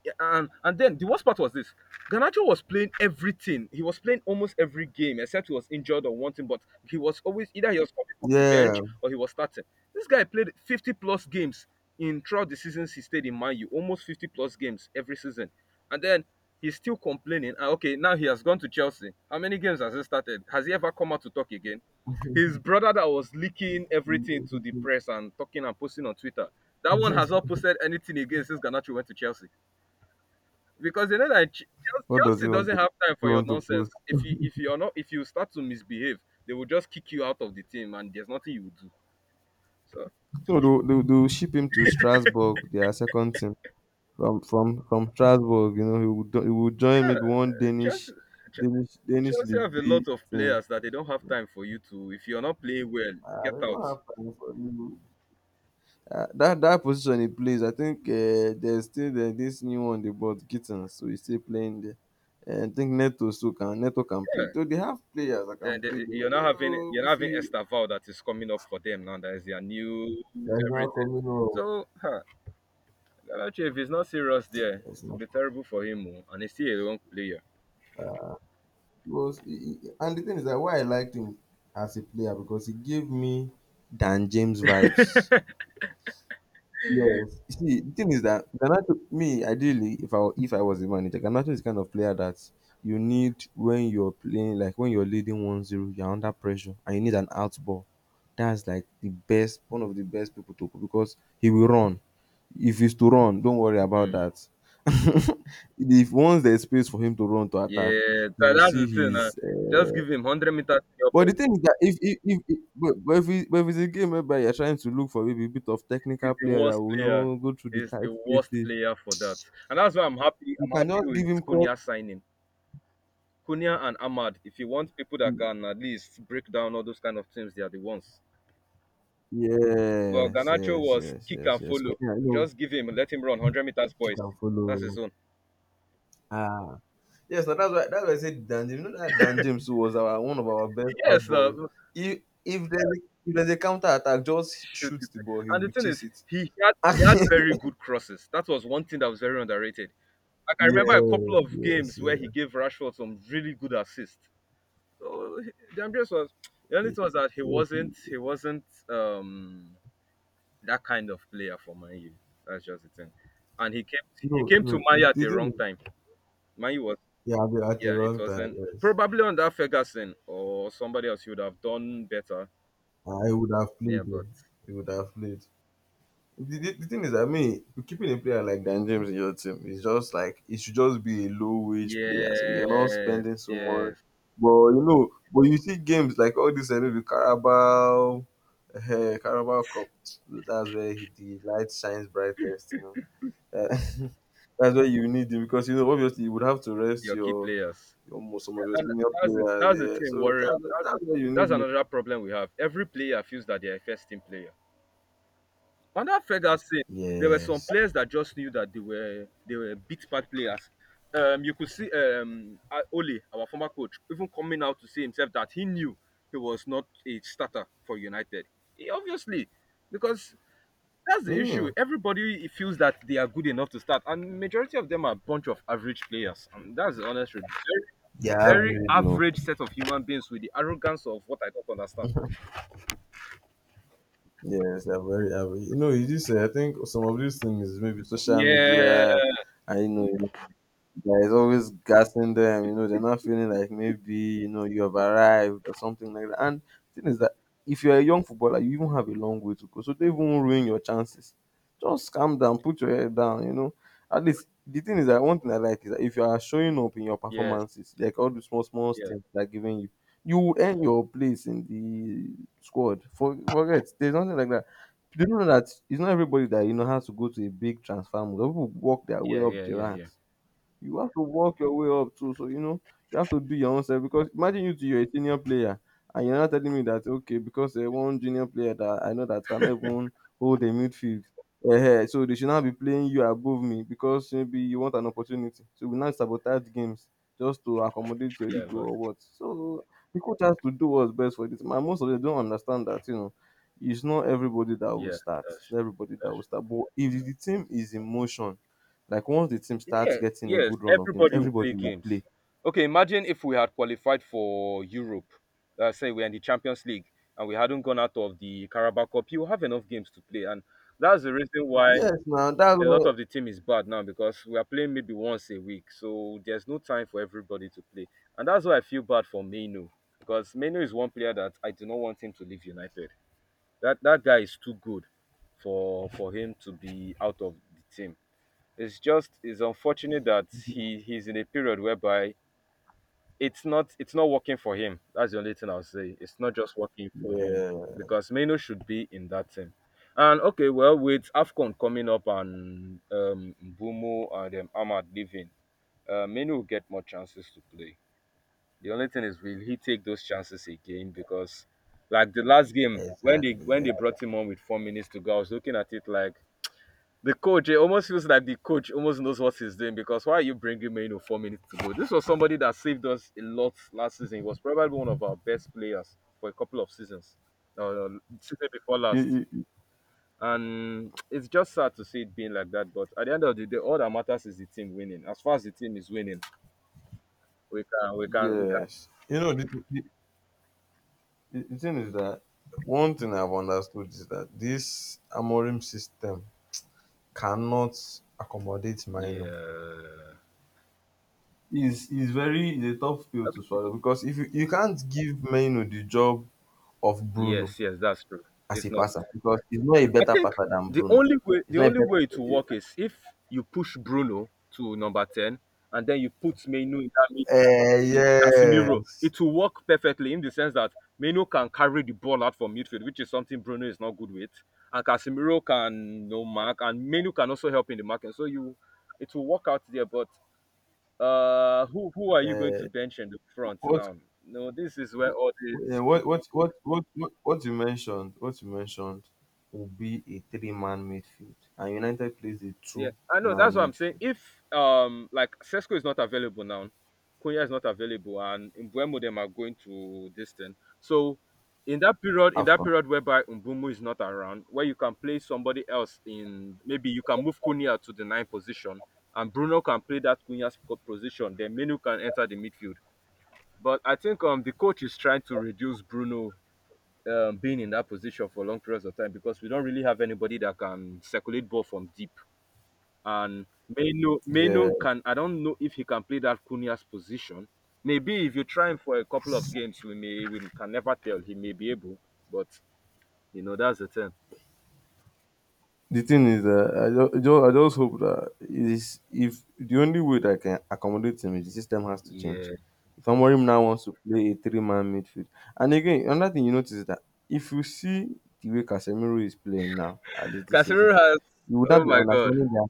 Speaker 1: yeah, and and then the worst part was this: Ganacho was playing everything. He was playing almost every game, except he was injured or one thing. But he was always either he was coming from the
Speaker 2: Yeah.
Speaker 1: bench or he was starting. This guy played fifty plus games in throughout the seasons he stayed in Man U, almost fifty plus games every season, and then he's still complaining. Ah, okay, now he has gone to Chelsea. How many games has he started? Has he ever come out to talk again? His brother that was leaking everything to the press and talking and posting on Twitter. That one has not posted anything again since Ganacho went to Chelsea because they know that Ch- Chel-
Speaker 2: What does he
Speaker 1: Chelsea
Speaker 2: want to,
Speaker 1: doesn't have time
Speaker 2: he
Speaker 1: for your
Speaker 2: want to post?
Speaker 1: nonsense. If you if you're not, if you start to misbehave, they will just kick you out of the team and there's nothing you will do. So
Speaker 2: No, they'll, they'll, they'll ship him to Strasbourg, their second team. From from from Strasbourg, you know, he would he would join
Speaker 1: yeah,
Speaker 2: maybe one Danish
Speaker 1: Chelsea. Ch-
Speaker 2: Danish Danish
Speaker 1: Chelsea have
Speaker 2: League
Speaker 1: a
Speaker 2: B
Speaker 1: lot of
Speaker 2: team.
Speaker 1: players that they don't have time for you to. If you're not playing well,
Speaker 2: Ah,
Speaker 1: get
Speaker 2: they don't
Speaker 1: out.
Speaker 2: have time for you. Uh, that that position he plays, I think uh, there's still the, this new one they bought Gitten, so he's still playing there. And I think Neto, so can Neto can play.
Speaker 1: Yeah,
Speaker 2: So they have players that can
Speaker 1: then
Speaker 2: play
Speaker 1: they,
Speaker 2: there.
Speaker 1: you're
Speaker 2: But I
Speaker 1: not
Speaker 2: think,
Speaker 1: having
Speaker 2: oh,
Speaker 1: you're not
Speaker 2: if
Speaker 1: having
Speaker 2: he,
Speaker 1: Estaval that is coming up for them now. That is their new
Speaker 2: there's not
Speaker 1: everything.
Speaker 2: coming up.
Speaker 1: So huh, Galachi, if he's not serious there, it
Speaker 2: There's
Speaker 1: will
Speaker 2: not.
Speaker 1: be terrible for him. oh, And he's still a young player.
Speaker 2: was he, he, and the thing is that why I liked him as a player, because he gave me Dan James vibes. Yes. You see, the thing is that Garnacho, me ideally, if I if I was a manager, Garnacho is the kind of player that you need when you're playing, like when you're leading one zero, you're under pressure and you need an out ball. That's like the best, one of the best people to, because he will run. If he's to run, don't worry about
Speaker 1: Hmm.
Speaker 2: that. if once there's space for him to run to attack,
Speaker 1: Yeah,
Speaker 2: you
Speaker 1: tha-
Speaker 2: will
Speaker 1: that's
Speaker 2: see
Speaker 1: the thing. Uh,
Speaker 2: his
Speaker 1: just give him a hundred meters to your
Speaker 2: But
Speaker 1: boy.
Speaker 2: the thing is that if if if if but but if it but if it's a game whereby you're trying to look for maybe a bit of
Speaker 1: He's
Speaker 2: technical
Speaker 1: the
Speaker 2: player that
Speaker 1: worst
Speaker 2: will
Speaker 1: player.
Speaker 2: know go through the
Speaker 1: He's
Speaker 2: tight
Speaker 1: the worst
Speaker 2: spaces,
Speaker 1: player for that. And that's why I'm happy.
Speaker 2: you
Speaker 1: I'm happy
Speaker 2: cannot give him
Speaker 1: with
Speaker 2: cross.
Speaker 1: Cunha signing. Cunha and Ahmad. If you want people that can at least break down all those kind of teams, they are the ones. Well,
Speaker 2: Yes,
Speaker 1: Ganacho
Speaker 2: yes,
Speaker 1: was
Speaker 2: yes,
Speaker 1: kick
Speaker 2: yes,
Speaker 1: and
Speaker 2: yes.
Speaker 1: follow.
Speaker 2: Queener, you know,
Speaker 1: Just give him, let him run a hundred meters,
Speaker 2: he
Speaker 1: boys.
Speaker 2: can
Speaker 1: That's
Speaker 2: follow.
Speaker 1: his own.
Speaker 2: Ah. Yes, now that's why that's why I said Dan James. You know that Dan James who was our one of our best out
Speaker 1: Yes,
Speaker 2: balls.
Speaker 1: uh,
Speaker 2: If if there's a, if there's a counter attack, just
Speaker 1: shoot
Speaker 2: shoot
Speaker 1: it.
Speaker 2: the ball, he
Speaker 1: And the
Speaker 2: will
Speaker 1: thing
Speaker 2: chase
Speaker 1: is,
Speaker 2: it.
Speaker 1: he had he had very good crosses. That was one thing that was very underrated. Like I remember a couple
Speaker 2: Yes,
Speaker 1: of
Speaker 2: yes,
Speaker 1: games where
Speaker 2: yes,
Speaker 1: he gave Rashford some really good assists. So he- Andreas was the only
Speaker 2: yes.
Speaker 1: thing was that he
Speaker 2: Yes.
Speaker 1: wasn't he wasn't um that kind of player for Man U. That's just the thing. And he came he
Speaker 2: No,
Speaker 1: came to
Speaker 2: no.
Speaker 1: Man U at the
Speaker 2: The thing
Speaker 1: wrong
Speaker 2: is
Speaker 1: time. Man U was
Speaker 2: Yeah, at the, at the
Speaker 1: yeah, it
Speaker 2: wrong time,
Speaker 1: wasn't
Speaker 2: yes.
Speaker 1: probably under Ferguson or somebody else he would have done better.
Speaker 2: I would have
Speaker 1: Yeah,
Speaker 2: played though.
Speaker 1: but
Speaker 2: He would have played. The, the, the thing is, I mean, keeping a player like Dan James in your team is just like it should just be a low wage player. So you're not
Speaker 1: yes,
Speaker 2: spending so much.
Speaker 1: yes.
Speaker 2: But you know, but you see games like all this, I know, the Carabao, uh, Carabao Cup. That's where he, the light shines brightest. You know, Uh, that's where you need him, because you know obviously you would have to rest
Speaker 1: Your key
Speaker 2: your
Speaker 1: players.
Speaker 2: your most some of your
Speaker 1: And
Speaker 2: senior
Speaker 1: that's the
Speaker 2: players.
Speaker 1: that's the
Speaker 2: Yeah,
Speaker 1: thing,
Speaker 2: so that's
Speaker 1: Warren. That's
Speaker 2: that's where you
Speaker 1: that's
Speaker 2: need him.
Speaker 1: another problem we have. Every player feels that they're a first team player. Under Ferguson, there were some
Speaker 2: Yes.
Speaker 1: players that just knew that they were they were big part players. Um, you could see um uh, Ole, our former coach, even coming out to say himself that he knew he was not a starter for United. He obviously, because that's the issue.
Speaker 2: you
Speaker 1: Everybody feels that they are good enough to start, and majority of them are a bunch of average players. And that's the honest truth,
Speaker 2: they're
Speaker 1: very
Speaker 2: very oh.
Speaker 1: average set of human beings with the arrogance of what I don't understand.
Speaker 2: Yes, they're very average. You know, it is, uh, I think some of these things is maybe social
Speaker 1: Yeah.
Speaker 2: media, I know, there is always gassing them, you know, they're not feeling like maybe, you know, you have arrived or something like that. And the thing is that if you're a young footballer, you even have a long way to go. So they won't ruin your chances. Just calm down, put your head down, you know. At least the thing is that one thing I like is that if you are showing up in your
Speaker 1: Yes.
Speaker 2: performances, like all the small, small
Speaker 1: Yeah.
Speaker 2: steps they're giving you, you will earn your place in the squad. For forget, there's nothing like that. Do you know that it's not everybody that, you know, has to go to a big transfer move. Some people work their way
Speaker 1: Yeah.
Speaker 2: up
Speaker 1: Yeah.
Speaker 2: the
Speaker 1: Yeah. Yeah.
Speaker 2: ranks. You have to work your way up too. So you know you have to do your own self, because imagine you to your senior player and you're not telling me that okay because uh, one junior player that I know that cannot even hold a midfield. Uh, so they should not be playing you above me because maybe you want an opportunity. So we now sabotage games just to accommodate your
Speaker 1: Yeah.
Speaker 2: ego
Speaker 1: But
Speaker 2: or what. So the coach has to do what's best for this. Man, most of them don't understand that you know it's not everybody that will
Speaker 1: yeah,
Speaker 2: start.
Speaker 1: that's
Speaker 2: It's not
Speaker 1: true.
Speaker 2: everybody that
Speaker 1: That's
Speaker 2: will start. But if the team is in motion, like once the team
Speaker 1: true.
Speaker 2: starts
Speaker 1: Yeah.
Speaker 2: getting a
Speaker 1: Yes.
Speaker 2: good run of games,
Speaker 1: Everybody will play
Speaker 2: everybody will
Speaker 1: games.
Speaker 2: play.
Speaker 1: Okay. Imagine if we had qualified for Europe. Let say we're in the Champions League and we hadn't gone out of the Carabao Cup. You have enough games to play, and that's the reason why
Speaker 2: Yes, now that's
Speaker 1: a lot of
Speaker 2: all.
Speaker 1: the team is bad now because we are playing maybe once a week, so there's no time for everybody to play, and that's why I feel bad for Meno because Meno is one player that I do not want him to leave United. That that guy is too good for for him to be out of the team. It's just it's unfortunate that he he's in a period whereby it's not it's not working for him. That's the only thing I'll say. It's not just working for him
Speaker 2: Yeah,
Speaker 1: because Meno should be in that team. And okay, well, with Afcon coming up and um, Bumo and um, Ahmad leaving, uh, Meno will get more chances to play. The only thing is, will he take those chances again? Because like the last game when they
Speaker 2: exactly.
Speaker 1: when
Speaker 2: Yeah.
Speaker 1: they brought him on with four minutes to go, I was looking at it like the coach, it almost feels like the coach almost knows what he's doing because why are you bringing Maino four minutes to go? This was somebody that saved us a lot last season. He was probably one of our best players for a couple of seasons, uh, season before last.
Speaker 2: You- you-
Speaker 1: And it's just sad to see it being like that. But at the end of the day, all that matters is the team winning. As far as the team is winning, we can, we can, we can.
Speaker 2: Yes. You know, the, the, the the thing is that one thing I've understood is that this Amorim system cannot accommodate Mino.
Speaker 1: Yeah.
Speaker 2: Is is very is a tough pill to
Speaker 1: Okay.
Speaker 2: swallow because if you, you can't give Mino the job of Bruno
Speaker 1: Yes, yes, that's true.
Speaker 2: as
Speaker 1: It's
Speaker 2: a
Speaker 1: not.
Speaker 2: passer, because he's not a
Speaker 1: I
Speaker 2: better
Speaker 1: think
Speaker 2: passer than
Speaker 1: the
Speaker 2: Bruno.
Speaker 1: only way
Speaker 2: He's
Speaker 1: the
Speaker 2: not a
Speaker 1: only
Speaker 2: better.
Speaker 1: way it will work is if you push Bruno to number ten and then you put Menu in that mid
Speaker 2: Uh,
Speaker 1: with Casemiro.
Speaker 2: yes.
Speaker 1: It will work perfectly in the sense that Menu can carry the ball out from midfield, which is something Bruno is not good with, and Casemiro can no mark, and Menu can also help in the marking. So you, it will work out there. But uh, who who are you going to
Speaker 2: uh,
Speaker 1: bench in the front
Speaker 2: what,
Speaker 1: now? No, this is where all this.
Speaker 2: uh, what what what what what what you mentioned what you mentioned will be a three man midfield and United plays a two
Speaker 1: Yeah, I know.
Speaker 2: man
Speaker 1: That's what I'm saying.
Speaker 2: midfield.
Speaker 1: If um like Sesco is not available now, Konya is not available, and Mbuemo them are going to this thing. So in that period, in that
Speaker 2: Afcon.
Speaker 1: period whereby Mbumu is not around, where you can play somebody else in, maybe you can move Konya to the nine position, and Bruno can play that Kunya's po- position. Then Menu can enter the midfield. But I think um the coach is trying to reduce Bruno um, being in that position for long periods of time because we don't really have anybody that can circulate ball from deep, and Menu Menu
Speaker 2: Yeah.
Speaker 1: can, I don't know if he can play that Cunha's position. Maybe if you try him for a couple of games, we may, we can never tell. He may be able, but you know that's the thing.
Speaker 2: The thing is that I just, I ju- I just hope that it is, if the only way that I can accommodate him is the system has to
Speaker 1: Yeah,
Speaker 2: change. If Amorim now wants to play a three man midfield. And again, another thing you notice is that if you see the way Casemiro is playing now, at least this season,
Speaker 1: Casemiro has.
Speaker 2: you would not
Speaker 1: Oh
Speaker 2: be
Speaker 1: my God,
Speaker 2: understanding that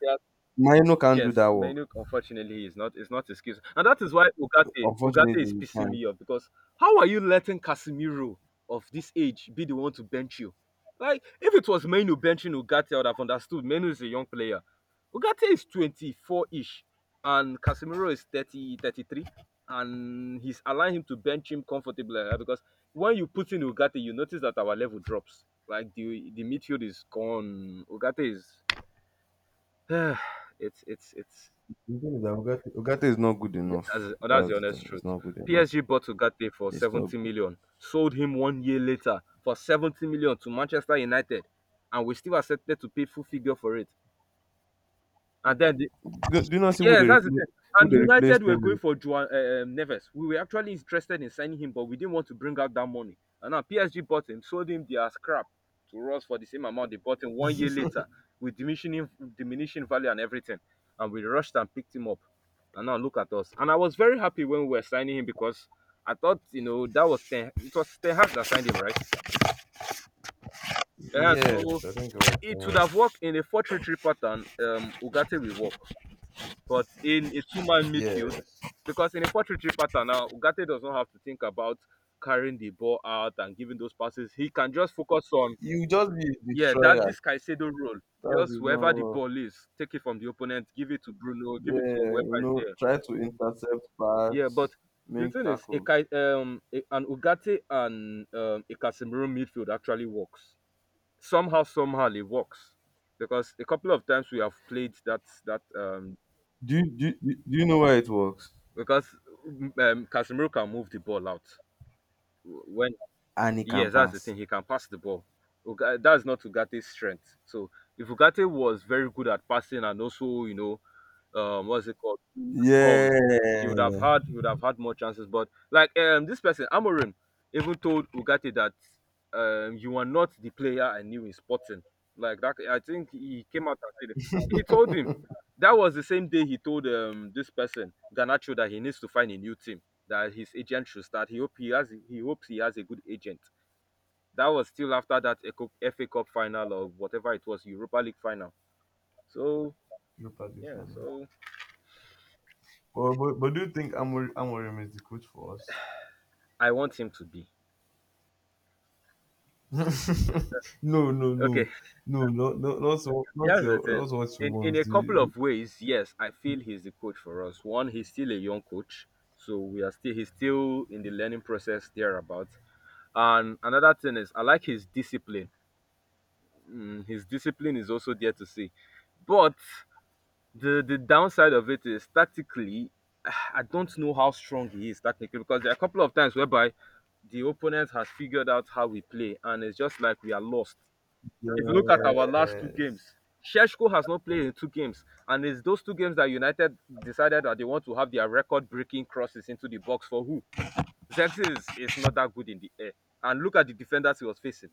Speaker 1: he.
Speaker 2: Mino can't do
Speaker 1: Yes,
Speaker 2: that work.
Speaker 1: Menuk unfortunately is not is not excuse. And that is why Ugate Ugate
Speaker 2: Unfortunately,
Speaker 1: is
Speaker 2: you
Speaker 1: pissing
Speaker 2: can't.
Speaker 1: me off because how are you letting Casemiro of this age be the one to bench you? Like if it was Menu benching Ugate, I would have understood. Menu is a young player. Ugate is twenty-four-ish and Casemiro is thirty thirty three, and he's allowing him to bench him comfortably like that because when you put in Ugate, you notice that our level drops. Like the the midfield is gone. Ugate is it's it's it's
Speaker 2: The thing is that Ugarte, Ugarte is not good enough.
Speaker 1: that's, oh, that's the
Speaker 2: That's the
Speaker 1: honest
Speaker 2: thing. It's
Speaker 1: truth.
Speaker 2: not good enough.
Speaker 1: P S G bought Ugarte for
Speaker 2: It's not.
Speaker 1: seventy
Speaker 2: Good.
Speaker 1: million, sold him one year later for seventy million to Manchester United, and we still accepted to pay full figure for it. And then
Speaker 2: Do, do you not see who they
Speaker 1: yes, that's the
Speaker 2: replace?
Speaker 1: thing.
Speaker 2: Who
Speaker 1: And
Speaker 2: they
Speaker 1: United
Speaker 2: replaced
Speaker 1: were
Speaker 2: him
Speaker 1: going
Speaker 2: with?
Speaker 1: for Juan uh, um, Neves. We were actually interested in signing him, but we didn't want to bring out that money. And now P S G bought him, sold him their scrap to us for the same amount they bought him one year later, with diminishing diminishing value and everything. And we rushed and picked him up. And now look at us. And I was very happy when we were signing him because I thought, you know, that was ten. It was Ten Hag that signed him, right? And so
Speaker 2: Yes, I think it was Ten
Speaker 1: it would
Speaker 2: Hag.
Speaker 1: have worked in a four-three-three pattern. Um, Ugarte will work. But in a two man midfield,
Speaker 2: Yes.
Speaker 1: because in a four three three pattern now, Ugarte does not have to think about carrying the ball out and giving those passes. He can just focus on,
Speaker 2: You just be a
Speaker 1: yeah, that's
Speaker 2: destroyer.
Speaker 1: this Caicedo role.
Speaker 2: That
Speaker 1: Just
Speaker 2: is not
Speaker 1: wherever the
Speaker 2: what-
Speaker 1: ball is, take it from the opponent, give it to Bruno, give it to
Speaker 2: yeah, you
Speaker 1: whoever is
Speaker 2: know,
Speaker 1: there.
Speaker 2: try to intercept
Speaker 1: Yeah,
Speaker 2: pass,
Speaker 1: but the
Speaker 2: make
Speaker 1: thing is, a,
Speaker 2: tackles.
Speaker 1: Cai- um, a, an Ugarte and um, a Casemiro midfield actually works. Somehow, somehow, it works because a couple of times we have played that that um,
Speaker 2: Do you do, you- do you know why it works?
Speaker 1: because mm, um, Casemiro can move the ball out. When
Speaker 2: And he can
Speaker 1: yes, that's the
Speaker 2: pass.
Speaker 1: thing. He can pass the ball. Uga- That's not Ugate's strength. So if Ugate was very good at passing and also you know um what's it called balls. He
Speaker 2: Yeah.
Speaker 1: would have had he would have had more chances. But like um this person, Amorim, even told Ugarte that um you are not the player I knew in sporting. Like that I think he came out and said it. He told him that was the same day he told um this person, Ganacho, that he needs to find a new team, that his agent should start. He hope he has he hopes he has a good agent. That was still after that Eco- F A Cup final or whatever it was, Europa League final. So
Speaker 2: Look at this
Speaker 1: yeah,
Speaker 2: one.
Speaker 1: so
Speaker 2: But, but, but do you think Amorim, Amorim is the coach for us?
Speaker 1: I want him to be.
Speaker 2: No, no,
Speaker 1: Okay,
Speaker 2: no. No, not not not so not
Speaker 1: that's the
Speaker 2: your
Speaker 1: thing.
Speaker 2: not what you
Speaker 1: In in
Speaker 2: want.
Speaker 1: a couple
Speaker 2: The,
Speaker 1: of ways, yes, I feel he's the coach for us. One, he's still a young coach, so we are still he's still in the learning process thereabout. And another thing is, I like his discipline. Mm, his discipline is also there to see, but the the downside of it is tactically, I don't know how strong he is tactically because there are a couple of times whereby the opponent has figured out how we play, and it's just like we are lost. If you look at our last two games,
Speaker 2: yes.
Speaker 1: Sheshko has not played in two games, and it's those two games that United decided that they want to have their record-breaking crosses into the box for who? Zexi is, is not that good in the air. And look at the defenders he was facing.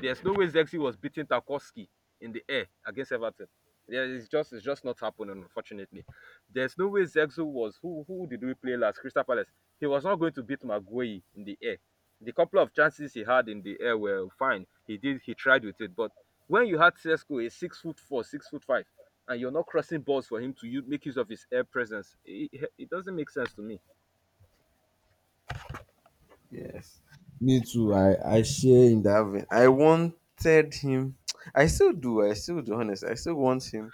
Speaker 1: There's no way Zexi was beating Tarkowski in the air against Everton. Yeah, it's just it's just not happening, unfortunately. There's no way Zexo was who who did we play last? Crystal Palace. He was not going to beat Maguire in the air. The couple of chances he had in the air were fine. He did he tried with it, but when you had Cesco, a six foot four, six foot five, and you're not crossing balls for him to use make use of his air presence, it, it doesn't make sense to me.
Speaker 2: Yes. Me too. I I share in that vein. I wanted him I still do, I still do honest. I still want him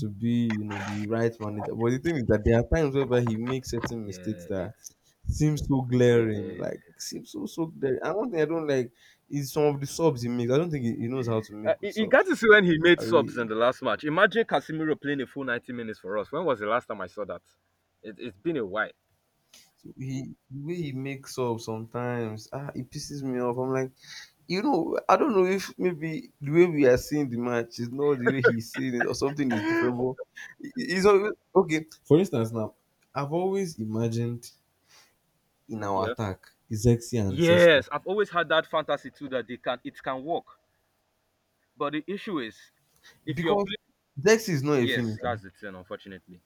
Speaker 2: to be, you know, the right manager. But the thing is that there are times whereby he makes certain mistakes
Speaker 1: Yeah,
Speaker 2: that
Speaker 1: it's
Speaker 2: seem so
Speaker 1: yeah, yeah,
Speaker 2: glaring, like
Speaker 1: yeah.
Speaker 2: seem so so glaring. And one thing I don't like is some of the subs he makes. I don't think he, he knows how to
Speaker 1: Uh,
Speaker 2: make good
Speaker 1: you you got
Speaker 2: subs.
Speaker 1: to see when he made
Speaker 2: I,
Speaker 1: subs in the last match. Imagine Casemiro playing a full ninety minutes for us. When was the last time I saw that? It, it's been a while.
Speaker 2: So he the way he makes up sometimes, ah, it pisses me off. I'm like, you know, I don't know if maybe the way we are seeing the match is not the way he's seeing it, or something is different. But it- it's always okay. For instance, now I've always imagined in our
Speaker 1: Yeah.
Speaker 2: attack Zexi and Sesko
Speaker 1: Yes, I've always had that fantasy too that they can it can work. But the issue is if you're
Speaker 2: because
Speaker 1: playing
Speaker 2: Zexi is not a
Speaker 1: yes,
Speaker 2: finisher.
Speaker 1: that's the thing, unfortunately.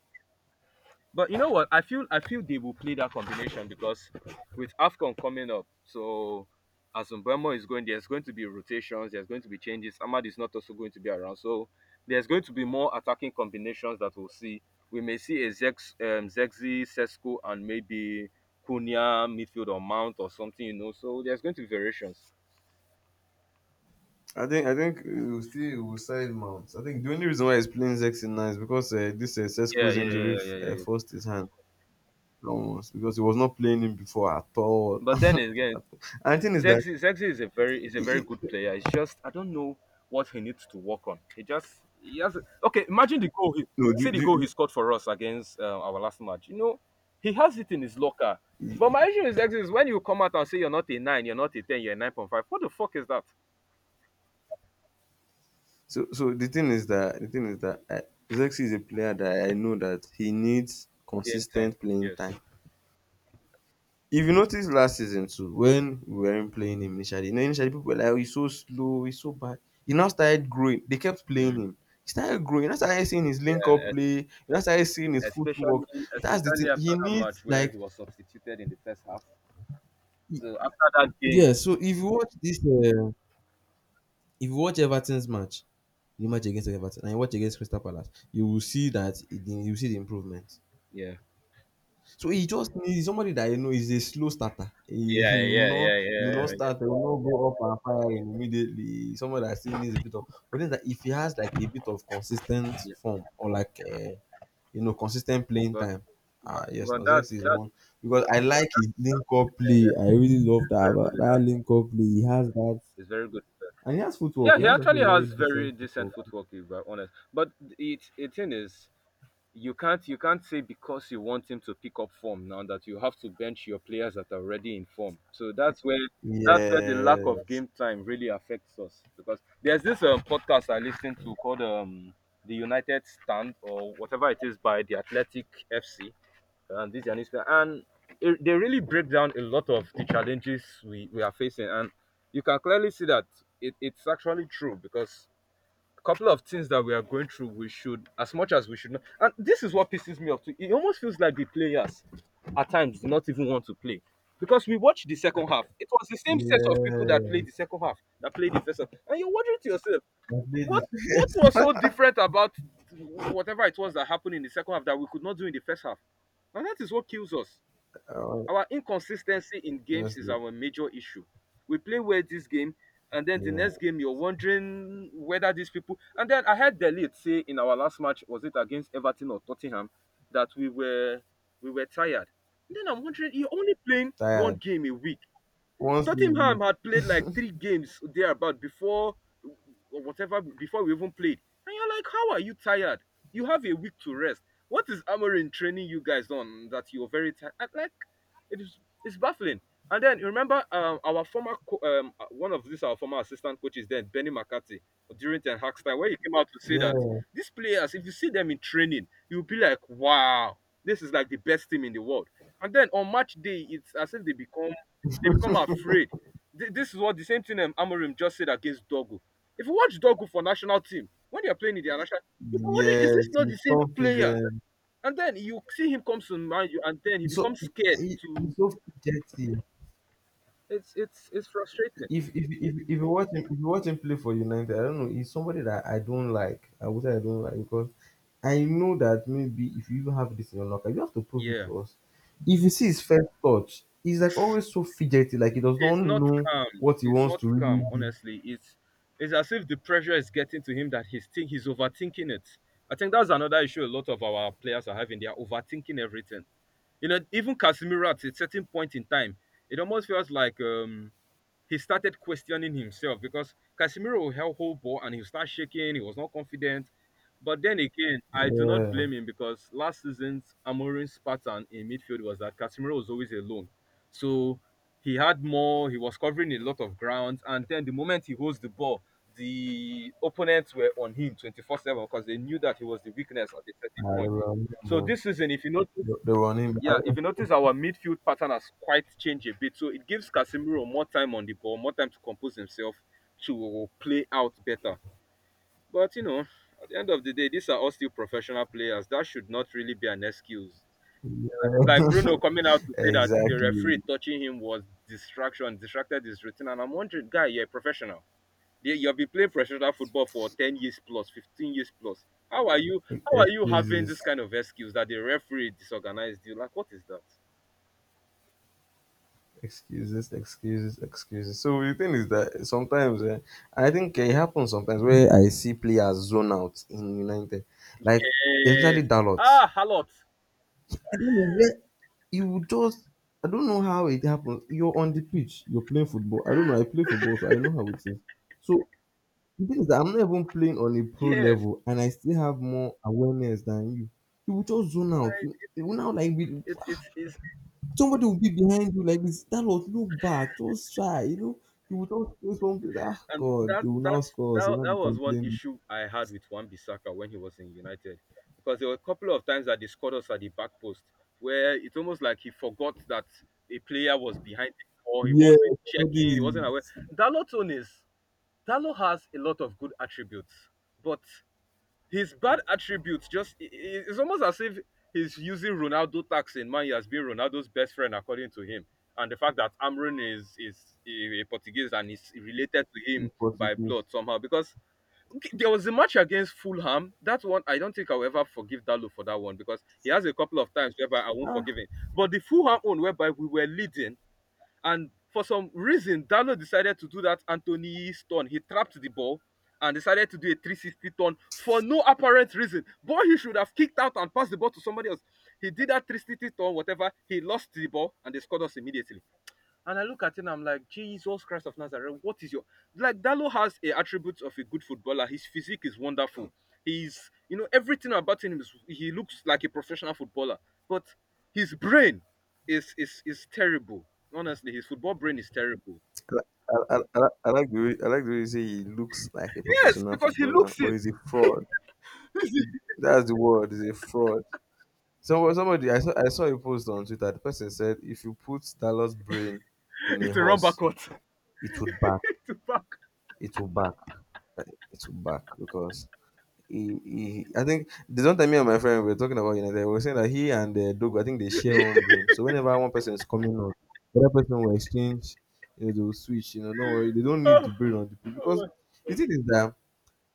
Speaker 1: But you know what? I feel I feel they will play that combination because with Afcon coming up, so as Mbembo is going, there's going to be rotations, there's going to be changes. Ahmad is not also going to be around, so there's going to be more attacking combinations that we'll see. We may see a Zex, um, Zexi, Sesko, and maybe Cunha midfield or Mount or something, you know. So there's going to be variations.
Speaker 2: I think I think we'll still we'll side Mount. I think the only reason why he's playing Zexi now is because uh, this uh,
Speaker 1: Yeah,
Speaker 2: Sesko's
Speaker 1: yeah, yeah,
Speaker 2: injury
Speaker 1: yeah,
Speaker 2: f-
Speaker 1: yeah. Yeah.
Speaker 2: uh,
Speaker 1: Yeah.
Speaker 2: forced his hand. Ramos, because he was not playing him before at all.
Speaker 1: But then again,
Speaker 2: At all. And the thing is that
Speaker 1: Zexi Zexi is a very is a
Speaker 2: he,
Speaker 1: very good
Speaker 2: he-
Speaker 1: player. It's just I don't know what he needs to work on. He just he has Okay. Imagine the goal. He,
Speaker 2: no,
Speaker 1: see
Speaker 2: do,
Speaker 1: the
Speaker 2: do,
Speaker 1: goal he
Speaker 2: do-
Speaker 1: scored for us against uh, our last match. You know, he has it in his locker.
Speaker 2: he-
Speaker 1: But my issue with Zexi is when you come out and say you're not a nine, you're not a ten, you're a nine point five. What the fuck is that?
Speaker 2: so so the thing is that the thing is that I, Zexi is a player that I know that he needs
Speaker 1: Game time.
Speaker 2: consistent playing
Speaker 1: Yes.
Speaker 2: time. If you notice last season too, when we weren't playing him initially, you know, initially people were like, oh, he's so slow, he's so bad. He now started growing. They kept playing
Speaker 1: Mm.
Speaker 2: him. He started growing. That's started seeing his link up
Speaker 1: Yeah. es-
Speaker 2: play. You know, started seeing his footwork.
Speaker 1: Especially
Speaker 2: That's the
Speaker 1: especially
Speaker 2: thing.
Speaker 1: after
Speaker 2: He
Speaker 1: that
Speaker 2: needs
Speaker 1: match where
Speaker 2: like
Speaker 1: he was substituted in the first half.
Speaker 2: he-
Speaker 1: So after that game.
Speaker 2: yeah. So if you watch this. Uh, if you watch Everton's match, the match against Everton, and you watch against Crystal Palace, you will see that you will see the improvement.
Speaker 1: Yeah.
Speaker 2: So he just needs somebody that you know is a slow starter. He,
Speaker 1: Yeah.
Speaker 2: he will
Speaker 1: Yeah.
Speaker 2: not,
Speaker 1: Yeah.
Speaker 2: he
Speaker 1: Yeah.
Speaker 2: will not
Speaker 1: Yeah.
Speaker 2: start, he will not go up and fire immediately. Someone that still needs a bit of, but then that if he has like a bit of consistent
Speaker 1: Yeah.
Speaker 2: form or like uh, you know consistent playing
Speaker 1: But
Speaker 2: time, ah
Speaker 1: but
Speaker 2: yes,
Speaker 1: but
Speaker 2: Nozex
Speaker 1: that's
Speaker 2: is
Speaker 1: that.
Speaker 2: one because I like his link up
Speaker 1: Yeah,
Speaker 2: play. I
Speaker 1: yeah, it's,
Speaker 2: really love
Speaker 1: it's
Speaker 2: that
Speaker 1: very good with
Speaker 2: that
Speaker 1: that.
Speaker 2: link up play. He has that,
Speaker 1: It's very good with that.
Speaker 2: and he has footwork.
Speaker 1: Yeah,
Speaker 2: He
Speaker 1: he
Speaker 2: has
Speaker 1: actually
Speaker 2: actually
Speaker 1: has
Speaker 2: very
Speaker 1: very
Speaker 2: decent
Speaker 1: decent
Speaker 2: footwork.
Speaker 1: footwork if I'm honest. But it it thing is you can't you can't say because you want him to pick up form now that you have to bench your players that are already in form. So that's where that's where the lack of
Speaker 2: Yes,
Speaker 1: game time really affects us because there's this um, podcast I listen to called um the United Stand or whatever it is by the Athletic F C and this and this and it, they really break down a lot of the challenges we, we are facing and you can clearly see that it, it's actually true because a couple of things that we are going through we should as much as we should not. And this is what pisses me off too. It almost feels like the players at times do not even want to play because we watched the second half. It was the same set of people that played the
Speaker 2: yes.
Speaker 1: second half that played the first half and you're wondering to yourself
Speaker 2: I played
Speaker 1: what
Speaker 2: it.
Speaker 1: what was so different about whatever it was that happened in the second half that we could not do in the first half? Now that is what kills us.
Speaker 2: uh,
Speaker 1: Our inconsistency in games is
Speaker 2: Honestly,
Speaker 1: our major issue. We play well this game, and then the
Speaker 2: yeah, I'm
Speaker 1: next game you're wondering whether these people. And then I heard Delete say in our last match was it against Everton or Tottenham that we were we were tired. And then I'm wondering you're only playing one
Speaker 2: tired.
Speaker 1: game a week.
Speaker 2: Once a week.
Speaker 1: Tottenham had played like three games thereabout before or whatever before we even played. And you're like, how are you tired? You have a week to rest. What is Amorim training you guys on that you're very tired? I- Like, it is it's baffling. And then you remember um, our former co- um, uh, one of these our former assistant coaches then Benny McCarthy during Ten Hag's time where he came out to say
Speaker 2: Yeah,
Speaker 1: that these players, if you see them in training, you'll be like, wow, this is like the best team in the world. And then on match day, it's as if they become they become afraid. Th- This is what the same thing um, Amorim just said against Dogo. If you watch Dogo for national team, when they are playing in their national, you can wonder is
Speaker 2: yes.
Speaker 1: this not
Speaker 2: He's
Speaker 1: the same player?
Speaker 2: confident.
Speaker 1: And then you see him comes to mind you, and then he
Speaker 2: He's so
Speaker 1: becomes
Speaker 2: he,
Speaker 1: scared
Speaker 2: he- he's
Speaker 1: to.
Speaker 2: so fidgety.
Speaker 1: It's it's it's frustrating.
Speaker 2: If if if if you watch him, if you watch him play for United, I don't know. He's somebody that I don't like. I would say I don't like because I know that maybe if you even have this in your locker, you have to prove it
Speaker 1: Yeah,
Speaker 2: to us. If you see his first touch, he's like always so fidgety, like he does not
Speaker 1: it's not
Speaker 2: know
Speaker 1: calm.
Speaker 2: what he
Speaker 1: It's
Speaker 2: wants
Speaker 1: not
Speaker 2: to really
Speaker 1: calm.
Speaker 2: be.
Speaker 1: Honestly, it's it's as if the pressure is getting to him that he's think he's overthinking it. I think that's another issue. A lot of our players are having. They are overthinking everything. You know, even Casemiro at a certain point in time, it almost feels like um, he started questioning himself because Casemiro will held whole ball and he'll start shaking. He was not confident. But then again, I do not
Speaker 2: Yeah,
Speaker 1: blame him because last season's Amorim's pattern in midfield was that Casemiro was always alone. So he had more, he was covering a lot of ground. And then the moment he holds the ball, the opponents were on him twenty-four seven because they knew that he was the weakness at a certain
Speaker 2: ah, the
Speaker 1: point.
Speaker 2: running
Speaker 1: So
Speaker 2: man.
Speaker 1: this season, if you notice,
Speaker 2: The, the running
Speaker 1: yeah, if
Speaker 2: man.
Speaker 1: you notice, our midfield pattern has quite changed a bit. So it gives Casemiro more time on the ball, more time to compose himself, to play out better. But, you know, at the end of the day, these are all still professional players. That should not really be an excuse. Like
Speaker 2: Yeah.
Speaker 1: Bruno coming out to say that the
Speaker 2: Exactly.
Speaker 1: referee touching him was distraction, distracted his routine. And I'm wondering, guy, you're a professional. You- You've been playing professional football for ten years plus, fifteen years plus. How are you? How are you having
Speaker 2: Excuses,
Speaker 1: this kind of excuse that the referee disorganized you? Like, what is that?
Speaker 2: excuses, excuses, excuses. So the thing is that sometimes eh, I think eh, it happens sometimes where I see players zone out in United, like especially
Speaker 1: Yes.
Speaker 2: Dalot.
Speaker 1: Ah, a lot.
Speaker 2: I don't know where you would just. I don't know how it happens. You're on the pitch. You're playing football. I don't know. I play football, so I know how it is. So the thing is that I'm not even playing on a pro
Speaker 1: Yes.
Speaker 2: level and I still have more awareness than you. You will just zone out.
Speaker 1: Right.
Speaker 2: You you will now like be,
Speaker 1: It's it's it's
Speaker 2: somebody will be behind you like this. That was look back, just try, you know. You will just face one place. Ah
Speaker 1: and
Speaker 2: God, they
Speaker 1: that
Speaker 2: will now
Speaker 1: that's
Speaker 2: score us, you
Speaker 1: that
Speaker 2: will not
Speaker 1: that
Speaker 2: be
Speaker 1: was one
Speaker 2: complaining.
Speaker 1: issue I had with Wan Bissaka when he was in United. Because there were a couple of times that they scored us at the back post where it's almost like he forgot that a player was behind him or he
Speaker 2: Yeah,
Speaker 1: wasn't checking,
Speaker 2: somebody
Speaker 1: he wasn't aware.
Speaker 2: is
Speaker 1: Dalot own is Dalot has a lot of good attributes, but his bad attributes just i- i- it's almost as if he's using Ronaldo tax in Manu as being Ronaldo's best friend according to him. And the fact that Amrun is is a a Portuguese and is related to him
Speaker 2: is
Speaker 1: by
Speaker 2: possible.
Speaker 1: blood somehow because okay, there was a match against Fulham. That one I don't think I'll ever forgive Dalo for that one because he has a couple of times whereby I won't
Speaker 2: Ah,
Speaker 1: forgive him. But the Fulham one whereby we were leading and for some reason, Dalo decided to do that Anthony's turn. He trapped the ball and decided to do a three sixty turn for no apparent reason. Boy, he should have kicked out and passed the ball to somebody else. He did that three sixty turn, whatever. He lost the ball and they scored us immediately. And I look at it and I'm like, Jesus Christ of Nazareth, what is your like, Dalo has a attribute of a good footballer. His physique is wonderful. He's you know, everything about him is he looks like a professional footballer. But his brain is is is terrible. Honestly, his football brain is terrible.
Speaker 2: I, I, I, I like the way, I like the way you say he looks like a
Speaker 1: Yes,
Speaker 2: professional
Speaker 1: because he
Speaker 2: footballer,
Speaker 1: looks
Speaker 2: but
Speaker 1: it.
Speaker 2: he's a fraud. That's the word. He's a fraud. So somebody I saw I saw a post on Twitter. The person said if you put Dallas brain in a
Speaker 1: It's a run
Speaker 2: horse,
Speaker 1: backward.
Speaker 2: it would back.
Speaker 1: To back.
Speaker 2: It will back. Uh, It will back because he, he I think the one time me and my friend we were talking about United, we were saying that he and the dog I think they share one brain. So whenever one person is coming on, the other person will exchange, you know, they will switch, you know, don't worry, they don't need
Speaker 1: Oh,
Speaker 2: the brain on the pitch because
Speaker 1: oh.
Speaker 2: the thing is that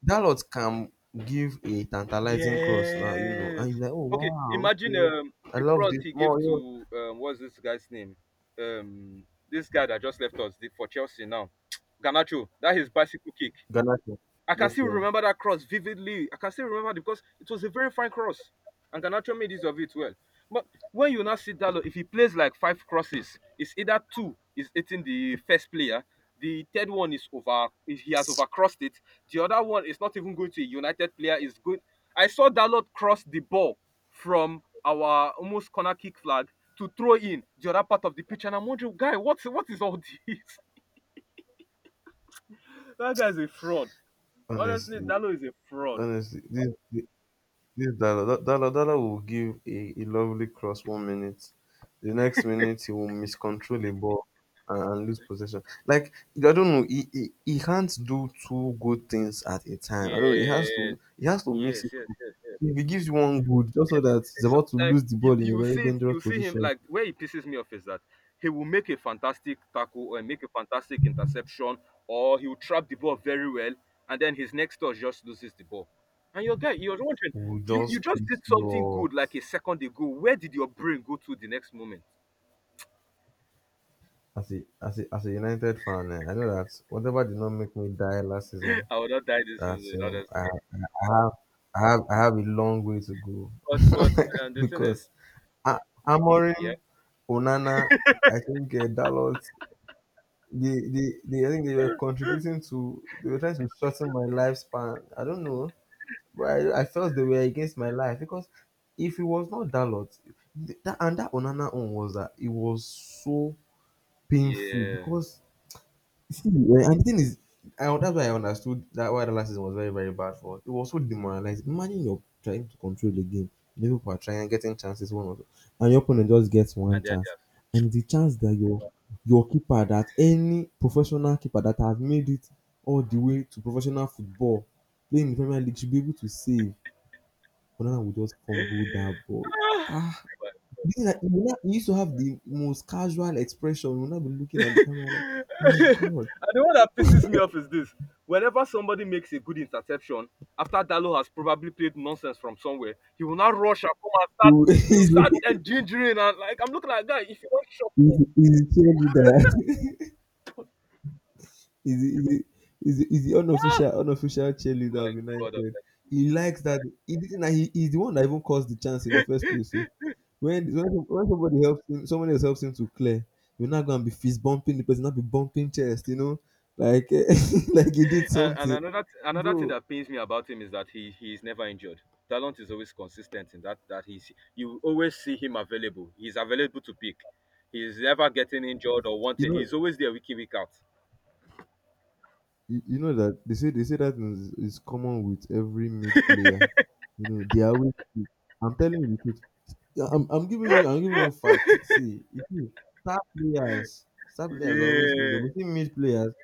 Speaker 2: Dalot can give a tantalizing cross now, you know,
Speaker 1: Yes.
Speaker 2: and you're like, oh
Speaker 1: Okay,
Speaker 2: wow,
Speaker 1: imagine
Speaker 2: okay.
Speaker 1: um,
Speaker 2: I
Speaker 1: the
Speaker 2: love
Speaker 1: cross
Speaker 2: this
Speaker 1: he gave
Speaker 2: more. You know,
Speaker 1: to um, what's this guy's name? Um, this guy that just left us the, for Chelsea now, Ganacho. That his bicycle kick.
Speaker 2: Ghana can,
Speaker 1: I can
Speaker 2: no
Speaker 1: still
Speaker 2: fear.
Speaker 1: remember that cross vividly. I can still remember it because it was a very fine cross, and Garnacho made use of it well. But when you now see Dalo, if he plays like five crosses, it's either two is hitting the first player, the third one is over, he has overcrossed it. The other one is not even going to a United player. Is good. I saw Dalot cross the ball from our almost corner kick flag to throw in the other part of the pitch, and I'm wondering, guy, what's what is all this? That guy's a fraud. Honestly,
Speaker 2: Honestly,
Speaker 1: Dalo is a fraud.
Speaker 2: honestly, this this this Dala Dala Dala will give a, a lovely cross one minute, the next minute he will miscontrol the ball and, and lose possession. Like I don't know, he, he he can't do two good things at a time. I don't know. He has
Speaker 1: Yes,
Speaker 2: to he has to mix
Speaker 1: yes,
Speaker 2: it
Speaker 1: yes,
Speaker 2: up.
Speaker 1: yes.
Speaker 2: If he gives you one good, just know that he's
Speaker 1: It's so,
Speaker 2: about to
Speaker 1: like
Speaker 2: lose the
Speaker 1: you,
Speaker 2: ball in a
Speaker 1: you
Speaker 2: very
Speaker 1: see
Speaker 2: dangerous
Speaker 1: you see him
Speaker 2: position.
Speaker 1: like where he pisses me off is that he will make a fantastic tackle or make a fantastic interception, or he will trap the ball very well, and then his next touch just loses the ball. And your guy, you're wondering,
Speaker 2: Will
Speaker 1: you, you
Speaker 2: just
Speaker 1: just
Speaker 2: piss
Speaker 1: did
Speaker 2: you
Speaker 1: something
Speaker 2: off.
Speaker 1: good like a second ago. Where did your brain go to the next moment?
Speaker 2: As a as a as a United fan, eh, I know that whatever did not make me die last season
Speaker 1: I would not die this
Speaker 2: That's
Speaker 1: season,
Speaker 2: you know, I,
Speaker 1: honestly.
Speaker 2: I have I have I have a long way to go
Speaker 1: But but um, The thing
Speaker 2: because
Speaker 1: is,
Speaker 2: A- Amorim,
Speaker 1: yeah,
Speaker 2: Onana, I think uh, Dalot, they, they they I think they were contributing to they were trying to shorten my lifespan. I don't know, but I, I felt they were against my life because if it was not Dalot, th- that and that Onana one was that it was so painful
Speaker 1: yeah,
Speaker 2: because see, eh, and the thing is, I, that's why I understood that why the last season was very, very bad for us. It was so demoralizing. Imagine you're trying to control the game. The people are trying getting chances one or two, and your opponent just gets one
Speaker 1: and then
Speaker 2: chance.
Speaker 1: just.
Speaker 2: And the chance that your your keeper that any professional keeper that has made it all the way to professional football playing in the Premier League should be able to save. But Onana will just fumble that ball. Ah, this is like, you will not- you used to have the most casual expression. You will not be looking at the camera like, oh my
Speaker 1: And
Speaker 2: god.
Speaker 1: the one that pisses me off is this. Whenever somebody makes a good interception, after Dalo has probably played nonsense from somewhere, he will now rush and come and start
Speaker 2: You
Speaker 1: he will start and gingering and like I'm looking at guy, if you don't shut
Speaker 2: He's
Speaker 1: up,
Speaker 2: he's the cheerleader. He's the- he's the- he's the he's the unofficial unofficial cheerleader
Speaker 1: my
Speaker 2: of
Speaker 1: god of
Speaker 2: United. He
Speaker 1: mercy.
Speaker 2: likes that. He didn't. He, he's the one that even caused the chance in the first place. So when when, when somebody helps him, somebody else helps him to clear, you're not gonna be fist bumping the person, not be bumping chest. You know, like like he did
Speaker 1: and, and
Speaker 2: something,
Speaker 1: another th- another thing
Speaker 2: bro.
Speaker 1: that pains me about him is that he he is never injured. Talent is always consistent in that that he's you always see him available. He's available to pick. He's never getting injured or
Speaker 2: You
Speaker 1: wanting.
Speaker 2: know,
Speaker 1: He's always there week in week out.
Speaker 2: you, you know that they say they say that is, is common with every mid player. You know, they are always. I'm telling you the truth. Yeah, I'm, I'm giving you I'm giving you facts. See, you see, star players, star players are always
Speaker 1: Yeah,
Speaker 2: injured. But you see mid players,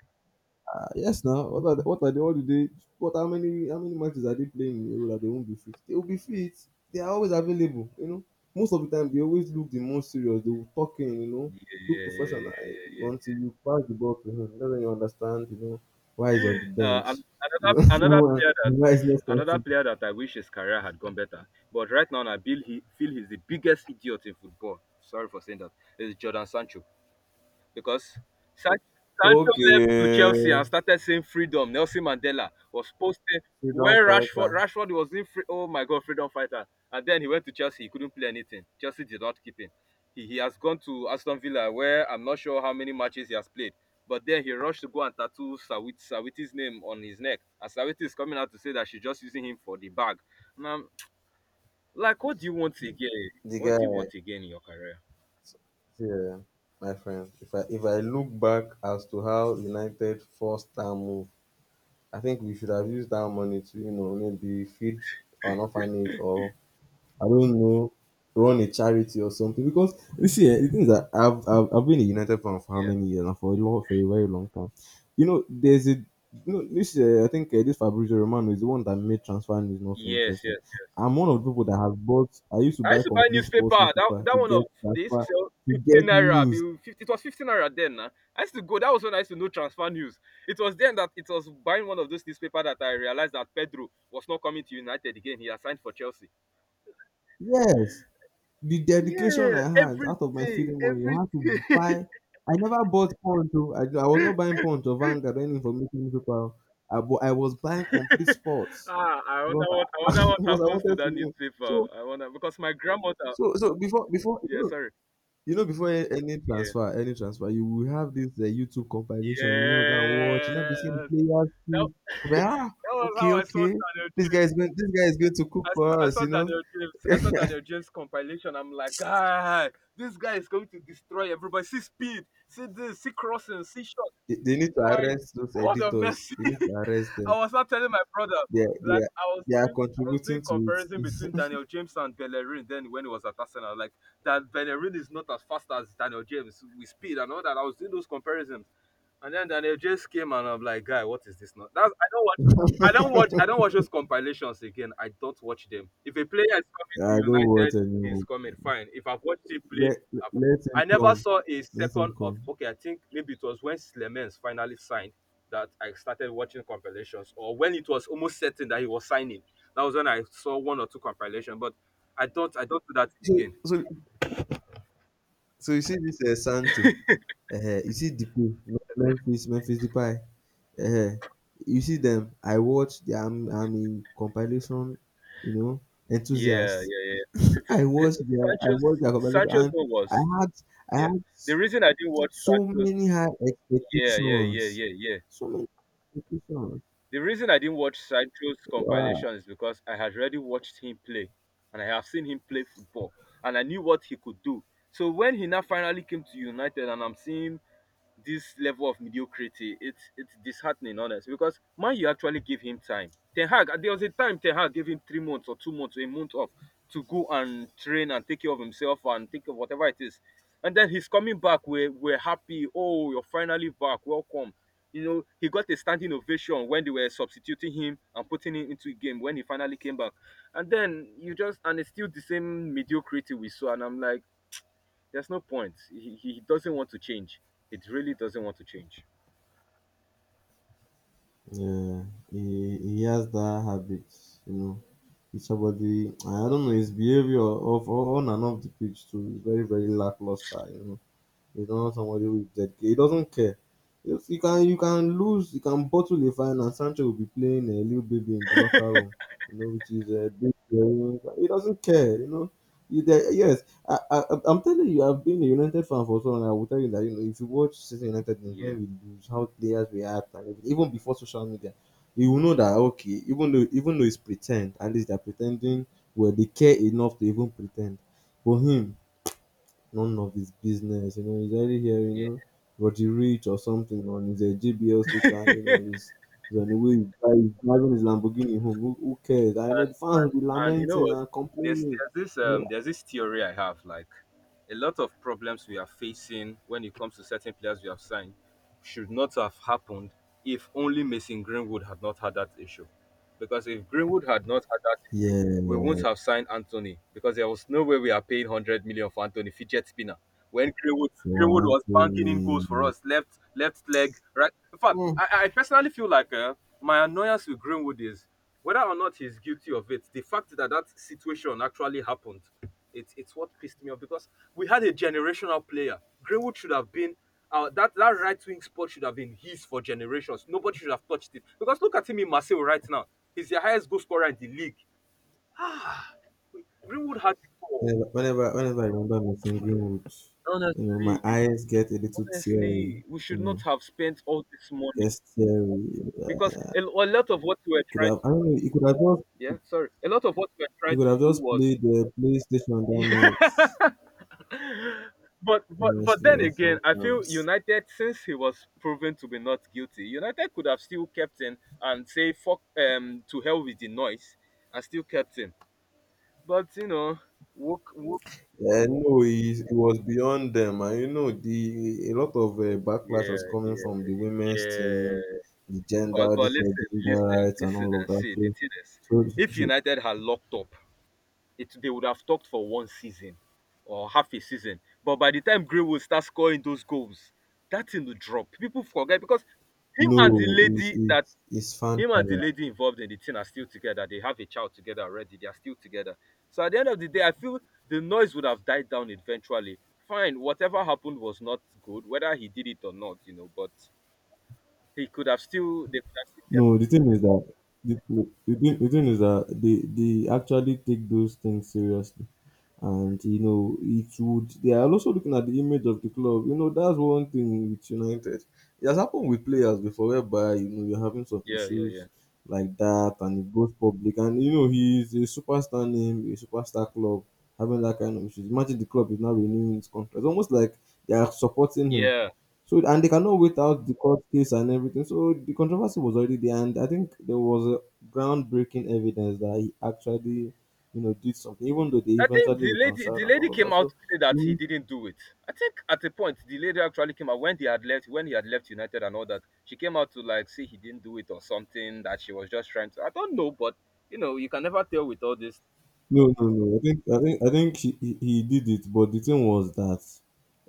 Speaker 2: uh, yes now. What are they, what are they? What do they? What how many how many matches are they playing in a row that they won't be fit? They will be fit. They are always available. You know, most of the time they always look the most serious. They will talk in. You know,
Speaker 1: yeah, yeah,
Speaker 2: look
Speaker 1: yeah,
Speaker 2: professional
Speaker 1: yeah,
Speaker 2: eh,
Speaker 1: yeah, yeah.
Speaker 2: until you pass the ball to him. That's when you understand. You know why he's on the
Speaker 1: Uh,
Speaker 2: bench.
Speaker 1: an-
Speaker 2: You
Speaker 1: another another
Speaker 2: know
Speaker 1: player that
Speaker 2: why he's not
Speaker 1: another
Speaker 2: starting.
Speaker 1: player that I wish his career had gone better, but right now I feel he feel he's the biggest idiot in football. Sorry for saying that. Is Jordan Sancho. Because San- Sancho
Speaker 2: Okay,
Speaker 1: left to Chelsea and started saying freedom. Nelson Mandela was posting
Speaker 2: freedom
Speaker 1: where Rashford
Speaker 2: fighter.
Speaker 1: Rashford was in free, oh my god, freedom fighter. And then he went to Chelsea, he couldn't play anything. Chelsea did not keep him. He, he has gone to Aston Villa where I'm not sure how many matches he has played. But then he rushed to go and tattoo Sawit, Sawiti's name on his neck. And Sawiti is coming out to say that she's just using him for the bag. And I'm like, what do you want again?
Speaker 2: The
Speaker 1: What do you
Speaker 2: guy.
Speaker 1: want again in your career?
Speaker 2: Yeah, my friend. If I if I look back as to how United forced that move, I think we should have used that money to you know maybe feed an orphanage or I don't know, run a charity or something. Because you see, eh, the thing is that I've, I've I've been a United fan for how
Speaker 1: Yeah.
Speaker 2: many years now? For a long, for a very long time. You know, there's a you know this. Uh, I think uh, this Fabrizio Romano is the one that made transfer news not so
Speaker 1: Yes, yes,
Speaker 2: interesting.
Speaker 1: yes.
Speaker 2: I'm one of the people that have bought. I used to
Speaker 1: I
Speaker 2: buy
Speaker 1: used to buy
Speaker 2: complete
Speaker 1: newspaper.
Speaker 2: sports
Speaker 1: That
Speaker 2: newspaper
Speaker 1: that
Speaker 2: to
Speaker 1: one
Speaker 2: get
Speaker 1: of they used to
Speaker 2: transfer
Speaker 1: sell
Speaker 2: to
Speaker 1: fifteen
Speaker 2: get
Speaker 1: naira.
Speaker 2: news.
Speaker 1: be- Fifty it was fifteen naira then. Nah. I used to go. That was when I used to know transfer news. It was then that it was buying one of those newspaper that I realized that Pedro was not coming to United again. He had signed for Chelsea.
Speaker 2: Yes, the
Speaker 1: Yeah,
Speaker 2: dedication I had
Speaker 1: every
Speaker 2: out of my
Speaker 1: day,
Speaker 2: feeding money,
Speaker 1: every
Speaker 2: I had to
Speaker 1: day.
Speaker 2: buy I never bought Punch oh, I I was not buying Punch or Vanguard or any information newspaper. I bu I was buying Complete Sports
Speaker 1: Ah, I wonder
Speaker 2: because
Speaker 1: what I wonder
Speaker 2: I
Speaker 1: what
Speaker 2: because I
Speaker 1: happens to
Speaker 2: wanted to
Speaker 1: that
Speaker 2: know.
Speaker 1: newspaper.
Speaker 2: So
Speaker 1: I wonder because my grandmother.
Speaker 2: so so before before you
Speaker 1: Yeah,
Speaker 2: know
Speaker 1: sorry.
Speaker 2: you know before a- any
Speaker 1: Yeah,
Speaker 2: transfer any transfer you will have this uh, YouTube compilation you know go and watch you
Speaker 1: yes.
Speaker 2: know be seeing the players
Speaker 1: That,
Speaker 2: too. I'm like, ah,
Speaker 1: that was how
Speaker 2: okay
Speaker 1: I saw
Speaker 2: okay
Speaker 1: Daniel.
Speaker 2: this guy is going this guy is going to
Speaker 1: I
Speaker 2: cook
Speaker 1: saw,
Speaker 2: for
Speaker 1: I
Speaker 2: us
Speaker 1: saw
Speaker 2: you know.
Speaker 1: Daniel James. I saw Daniel James compilation. I'm like, ah, this guy is going to destroy everybody. See speed, see this, see crossing, see shot.
Speaker 2: They, they need to
Speaker 1: My
Speaker 2: arrest those
Speaker 1: God of
Speaker 2: editors.
Speaker 1: mercy.
Speaker 2: They need to arrest
Speaker 1: I
Speaker 2: them.
Speaker 1: was not telling my brother,
Speaker 2: They are they
Speaker 1: like
Speaker 2: are
Speaker 1: I was
Speaker 2: they are
Speaker 1: doing, I was doing
Speaker 2: contributing to
Speaker 1: comparison
Speaker 2: it.
Speaker 1: between Daniel James and Bellerin. Then when he was at Arsenal, like that Bellerin is not as fast as Daniel James with speed and all that. I was doing those comparisons, and then Daniel James came and I'm like, guy, what is this? Not that's I don't watch. I don't watch. I don't watch those compilations again. I don't watch them. If a player is coming to
Speaker 2: I don't want
Speaker 1: United, he's
Speaker 2: anyone.
Speaker 1: coming. Fine. If I've watched him play,
Speaker 2: Let let
Speaker 1: I've,
Speaker 2: let him
Speaker 1: I never
Speaker 2: come.
Speaker 1: saw a
Speaker 2: Let him
Speaker 1: second of.
Speaker 2: come.
Speaker 1: Okay, I think maybe it was when Slemens finally signed that I started watching compilations, or when it was almost certain that he was signing. That was when I saw one or two compilation, but I don't I don't do that thing
Speaker 2: So
Speaker 1: again.
Speaker 2: so so you see this uh, Sancho, uh, you see Depay, Memphis, Memphis Depay. Uh, you see them. I watch. Their, I'm I'm in compilation. You know,
Speaker 1: Yeah, yeah,
Speaker 2: enthusiast.
Speaker 1: yeah. The,
Speaker 2: I
Speaker 1: th-
Speaker 2: watch their I
Speaker 1: Sancho's
Speaker 2: watch their compilation
Speaker 1: Sancho's
Speaker 2: and
Speaker 1: one was
Speaker 2: I had I
Speaker 1: yeah.
Speaker 2: had
Speaker 1: The reason I didn't watch
Speaker 2: so
Speaker 1: Sancho's
Speaker 2: many high
Speaker 1: yeah, yeah, yeah,
Speaker 2: expectations.
Speaker 1: yeah, yeah.
Speaker 2: So many expectations.
Speaker 1: The reason I didn't watch Sancho's
Speaker 2: Wow.
Speaker 1: compilation is because I had already watched him play, and I have seen him play football, and I knew what he could do. So when he now finally came to United, and I'm seeing this level of mediocrity. It's it's disheartening, honest, because man, you actually give him time. Ten Hag, there was a time Ten Hag gave him three months or two months, or a month off to go and train and take care of himself and take care of whatever it is. And then he's coming back. We're, we're happy. Oh, you're finally back. Welcome. You know, he got a standing ovation when they were substituting him and putting him into a game when he finally came back. And then you just, and it's still the same mediocrity we saw. And I'm like, there's no point. He, he he doesn't want to change. It really doesn't want to change.
Speaker 2: Yeah, he, he has that habit, you know. He's somebody. I don't know his behavior of on and off the pitch too is very very lackluster, you know. He's not somebody with Z K. He doesn't care. Yes, you can you can lose, you can bottle a fine, and Sancho will be playing a little baby in the locker room, you know, which is a big. He doesn't care, you know. He de- yes, I, I, I'm telling you, I've been a United fan for so long. I will tell you that, you know, if you watch City United games
Speaker 1: Yeah,
Speaker 2: when we lose, how players react, and everything, even before social media, you will know that, okay, even though even though it's pretend, at least they're pretending. Well, they care enough to even pretend. For him, none of his business. You know, he's already here, you
Speaker 1: yeah.
Speaker 2: know, but he rich or something on his uh, J B L speaker, you know, he's, he's on the way, he's dri- he's driving his Lamborghini home. Who, who cares? I know
Speaker 1: And
Speaker 2: the fans will be
Speaker 1: and you know
Speaker 2: lamenting
Speaker 1: what?
Speaker 2: and
Speaker 1: There's
Speaker 2: complaining.
Speaker 1: there's this um there's this theory I have like a lot of problems we are facing when it comes to certain players we have signed should not have happened if only Mason Greenwood had not had that issue. Because if Greenwood had not had that issue,
Speaker 2: Yeah,
Speaker 1: we wouldn't have signed Anthony because there was no way we are paying one hundred million for Anthony fidget spinner. When Greenwood
Speaker 2: so
Speaker 1: Greenwood was banking in goals for
Speaker 2: Anthony.
Speaker 1: us, left left leg, right. In fact,
Speaker 2: Mm.
Speaker 1: I, I personally feel like uh, my annoyance with Greenwood is whether or not he's guilty of it. The fact that that situation actually happened, it's it's what pissed me off because we had a generational player. Greenwood should have been. Uh, that that right wing spot should have been his for generations. Nobody should have touched it because look at him in Marseille right now. He's the highest goal scorer in the league. Ah, Greenwood had it all.
Speaker 2: Whenever, whenever whenever I remember Martin Greenwood, you know, my
Speaker 1: Honestly,
Speaker 2: eyes get a little teary.
Speaker 1: honestly, we
Speaker 2: You
Speaker 1: should
Speaker 2: know,
Speaker 1: not have spent all this money
Speaker 2: gets teary.
Speaker 1: because a, a lot of what we were
Speaker 2: Could
Speaker 1: trying
Speaker 2: have, I don't
Speaker 1: to
Speaker 2: know. He could have just,
Speaker 1: yeah sorry a lot of what we were
Speaker 2: he
Speaker 1: trying
Speaker 2: could
Speaker 1: to
Speaker 2: have
Speaker 1: do
Speaker 2: just
Speaker 1: was.
Speaker 2: played the PlayStation that night.
Speaker 1: Yeah. but but but
Speaker 2: Honestly,
Speaker 1: then
Speaker 2: or
Speaker 1: again I feel
Speaker 2: sometimes.
Speaker 1: United, since he was proven to be not guilty, United could have still kept him and say fuck um to hell with the noise and still kept him, but you know woke woke.
Speaker 2: I know he, he was beyond them, and you know, the a lot of uh, backlash was
Speaker 1: Yeah,
Speaker 2: coming from the
Speaker 1: yeah,
Speaker 2: women's team,
Speaker 1: yeah.
Speaker 2: the
Speaker 1: But
Speaker 2: gender,
Speaker 1: but
Speaker 2: this uh,
Speaker 1: listen,
Speaker 2: gender
Speaker 1: listen,
Speaker 2: rights, and
Speaker 1: listen
Speaker 2: all of
Speaker 1: and
Speaker 2: that.
Speaker 1: see. The
Speaker 2: So,
Speaker 1: thing is,
Speaker 2: so, so
Speaker 1: if
Speaker 2: so,
Speaker 1: United had locked up, it they would have talked for one season or half a season. But by the time Greenwood start scoring those goals, that thing will drop. People forget because him and the
Speaker 2: no, it's
Speaker 1: lady that
Speaker 2: it's, it's fan
Speaker 1: him and the
Speaker 2: power.
Speaker 1: lady involved in the thing are still together. They have a child together already. They are still together. So at the end of the day, I feel the noise would have died down eventually. Fine, whatever happened was not good, whether he did it or not, you know. But he could have still, they could have still kept,
Speaker 2: No, the thing is that the, the, thing, the thing is that they, they actually take those things seriously. And you know, it would, they are also looking at the image of the club. You know, that's one thing with United. It has happened with players before, whereby you know you're having some
Speaker 1: yeah, yeah, yeah.
Speaker 2: issues like that and it goes public, and you know he's a superstar name, a superstar club having that kind of issues. Imagine the club is now renewing his contract. It's almost like they are supporting him,
Speaker 1: Yeah.
Speaker 2: so, and they cannot wait out the court case and everything. So the controversy was already there, and I think there was a groundbreaking evidence that he actually, you know, did something. Even though they
Speaker 1: I think
Speaker 2: eventually
Speaker 1: the lady
Speaker 2: reconciled
Speaker 1: the
Speaker 2: and
Speaker 1: lady
Speaker 2: all of
Speaker 1: came
Speaker 2: that.
Speaker 1: out
Speaker 2: So
Speaker 1: to say that he didn't do it. I think at a point the lady actually came out when they had left when he had left United and all that. She came out to like say he didn't do it or something that she was just trying to. I don't know, but you know you can never tell with all this.
Speaker 2: no, no, no. I think I think I think he, he, he did it, but the thing was that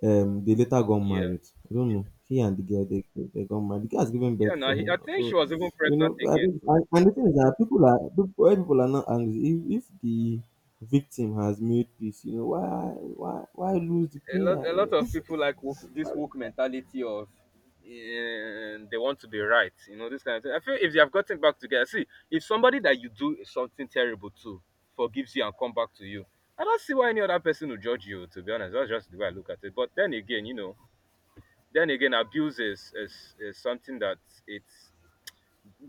Speaker 2: um they later got
Speaker 1: Yeah.
Speaker 2: married. I don't know. He and the girl, they they they got married. The girl has given
Speaker 1: Yeah.
Speaker 2: birth
Speaker 1: Now
Speaker 2: for him
Speaker 1: I
Speaker 2: now.
Speaker 1: think she
Speaker 2: So
Speaker 1: was even
Speaker 2: you know,
Speaker 1: pregnant
Speaker 2: I
Speaker 1: again.
Speaker 2: think, and, and the thing is that people are people, why people are not angry. If, if the victim has made peace, you know, why why why lose the
Speaker 1: a lot
Speaker 2: player,
Speaker 1: a
Speaker 2: you
Speaker 1: lot
Speaker 2: know?
Speaker 1: of people like woke, this woke mentality of eh, they want to be right, you know, this kind of thing. I feel if they have gotten back together, see, if somebody that you do something terrible to forgives you and come back to you, I don't see why any other person will judge you, to be honest. That's just the way I look at it. But then again, you know, then again, abuse is is, is something that it's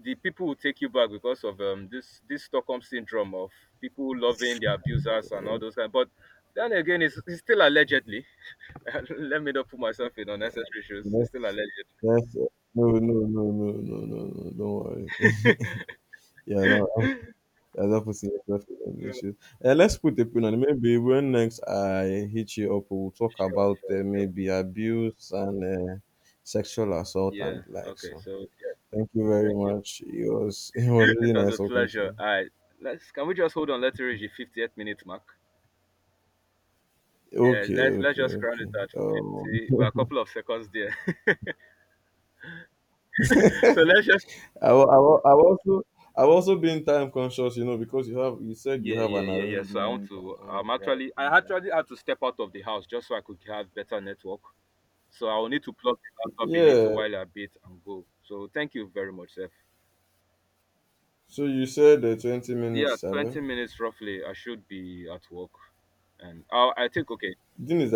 Speaker 1: the people will take you back because of um, this this Stockholm syndrome of people loving their abusers and all those kind. But then again, it's, it's still allegedly. Let me not put myself in unnecessary shoes. It's still alleged.
Speaker 2: That's that's no, no, no, no, no, no, no, don't worry. Yeah, no, you're not putting yourself in any
Speaker 1: Yeah,
Speaker 2: issues. Uh, let's put a pin on it. Maybe when next I hit you up, we'll talk
Speaker 1: sure,
Speaker 2: about,
Speaker 1: sure,
Speaker 2: uh,
Speaker 1: sure.
Speaker 2: maybe abuse and, uh, sexual assault and
Speaker 1: Yeah.
Speaker 2: the like.
Speaker 1: Okay.
Speaker 2: So,
Speaker 1: So yeah,
Speaker 2: thank you very
Speaker 1: thank you.
Speaker 2: much. It was it was
Speaker 1: It
Speaker 2: really
Speaker 1: was
Speaker 2: nice
Speaker 1: a
Speaker 2: talking to
Speaker 1: pleasure.
Speaker 2: you.
Speaker 1: All right. Let's. Can we just hold on? Let's reach the fifty-eight minute mark. Yeah.
Speaker 2: Okay,
Speaker 1: Let's let's
Speaker 2: okay,
Speaker 1: just crown it
Speaker 2: okay.
Speaker 1: at
Speaker 2: Um,
Speaker 1: fifty. We're a couple of seconds there. So let's just.
Speaker 2: I wa- I wa- I also I've also been time conscious, you know, because you have you said you
Speaker 1: Yeah,
Speaker 2: have
Speaker 1: yeah,
Speaker 2: an
Speaker 1: yeah, yeah. So I want
Speaker 2: arrangement and
Speaker 1: to.
Speaker 2: all
Speaker 1: I'm
Speaker 2: of that.
Speaker 1: actually. I actually had to step out of the house just so I could have better network. So I will need to plug the laptop a little
Speaker 2: Yeah.
Speaker 1: while a bit and go. So thank you very much, Seth.
Speaker 2: So you said the twenty minutes,
Speaker 1: Yeah, twenty
Speaker 2: seven.
Speaker 1: minutes roughly. I should be at work. And I I think okay,
Speaker 2: The thing is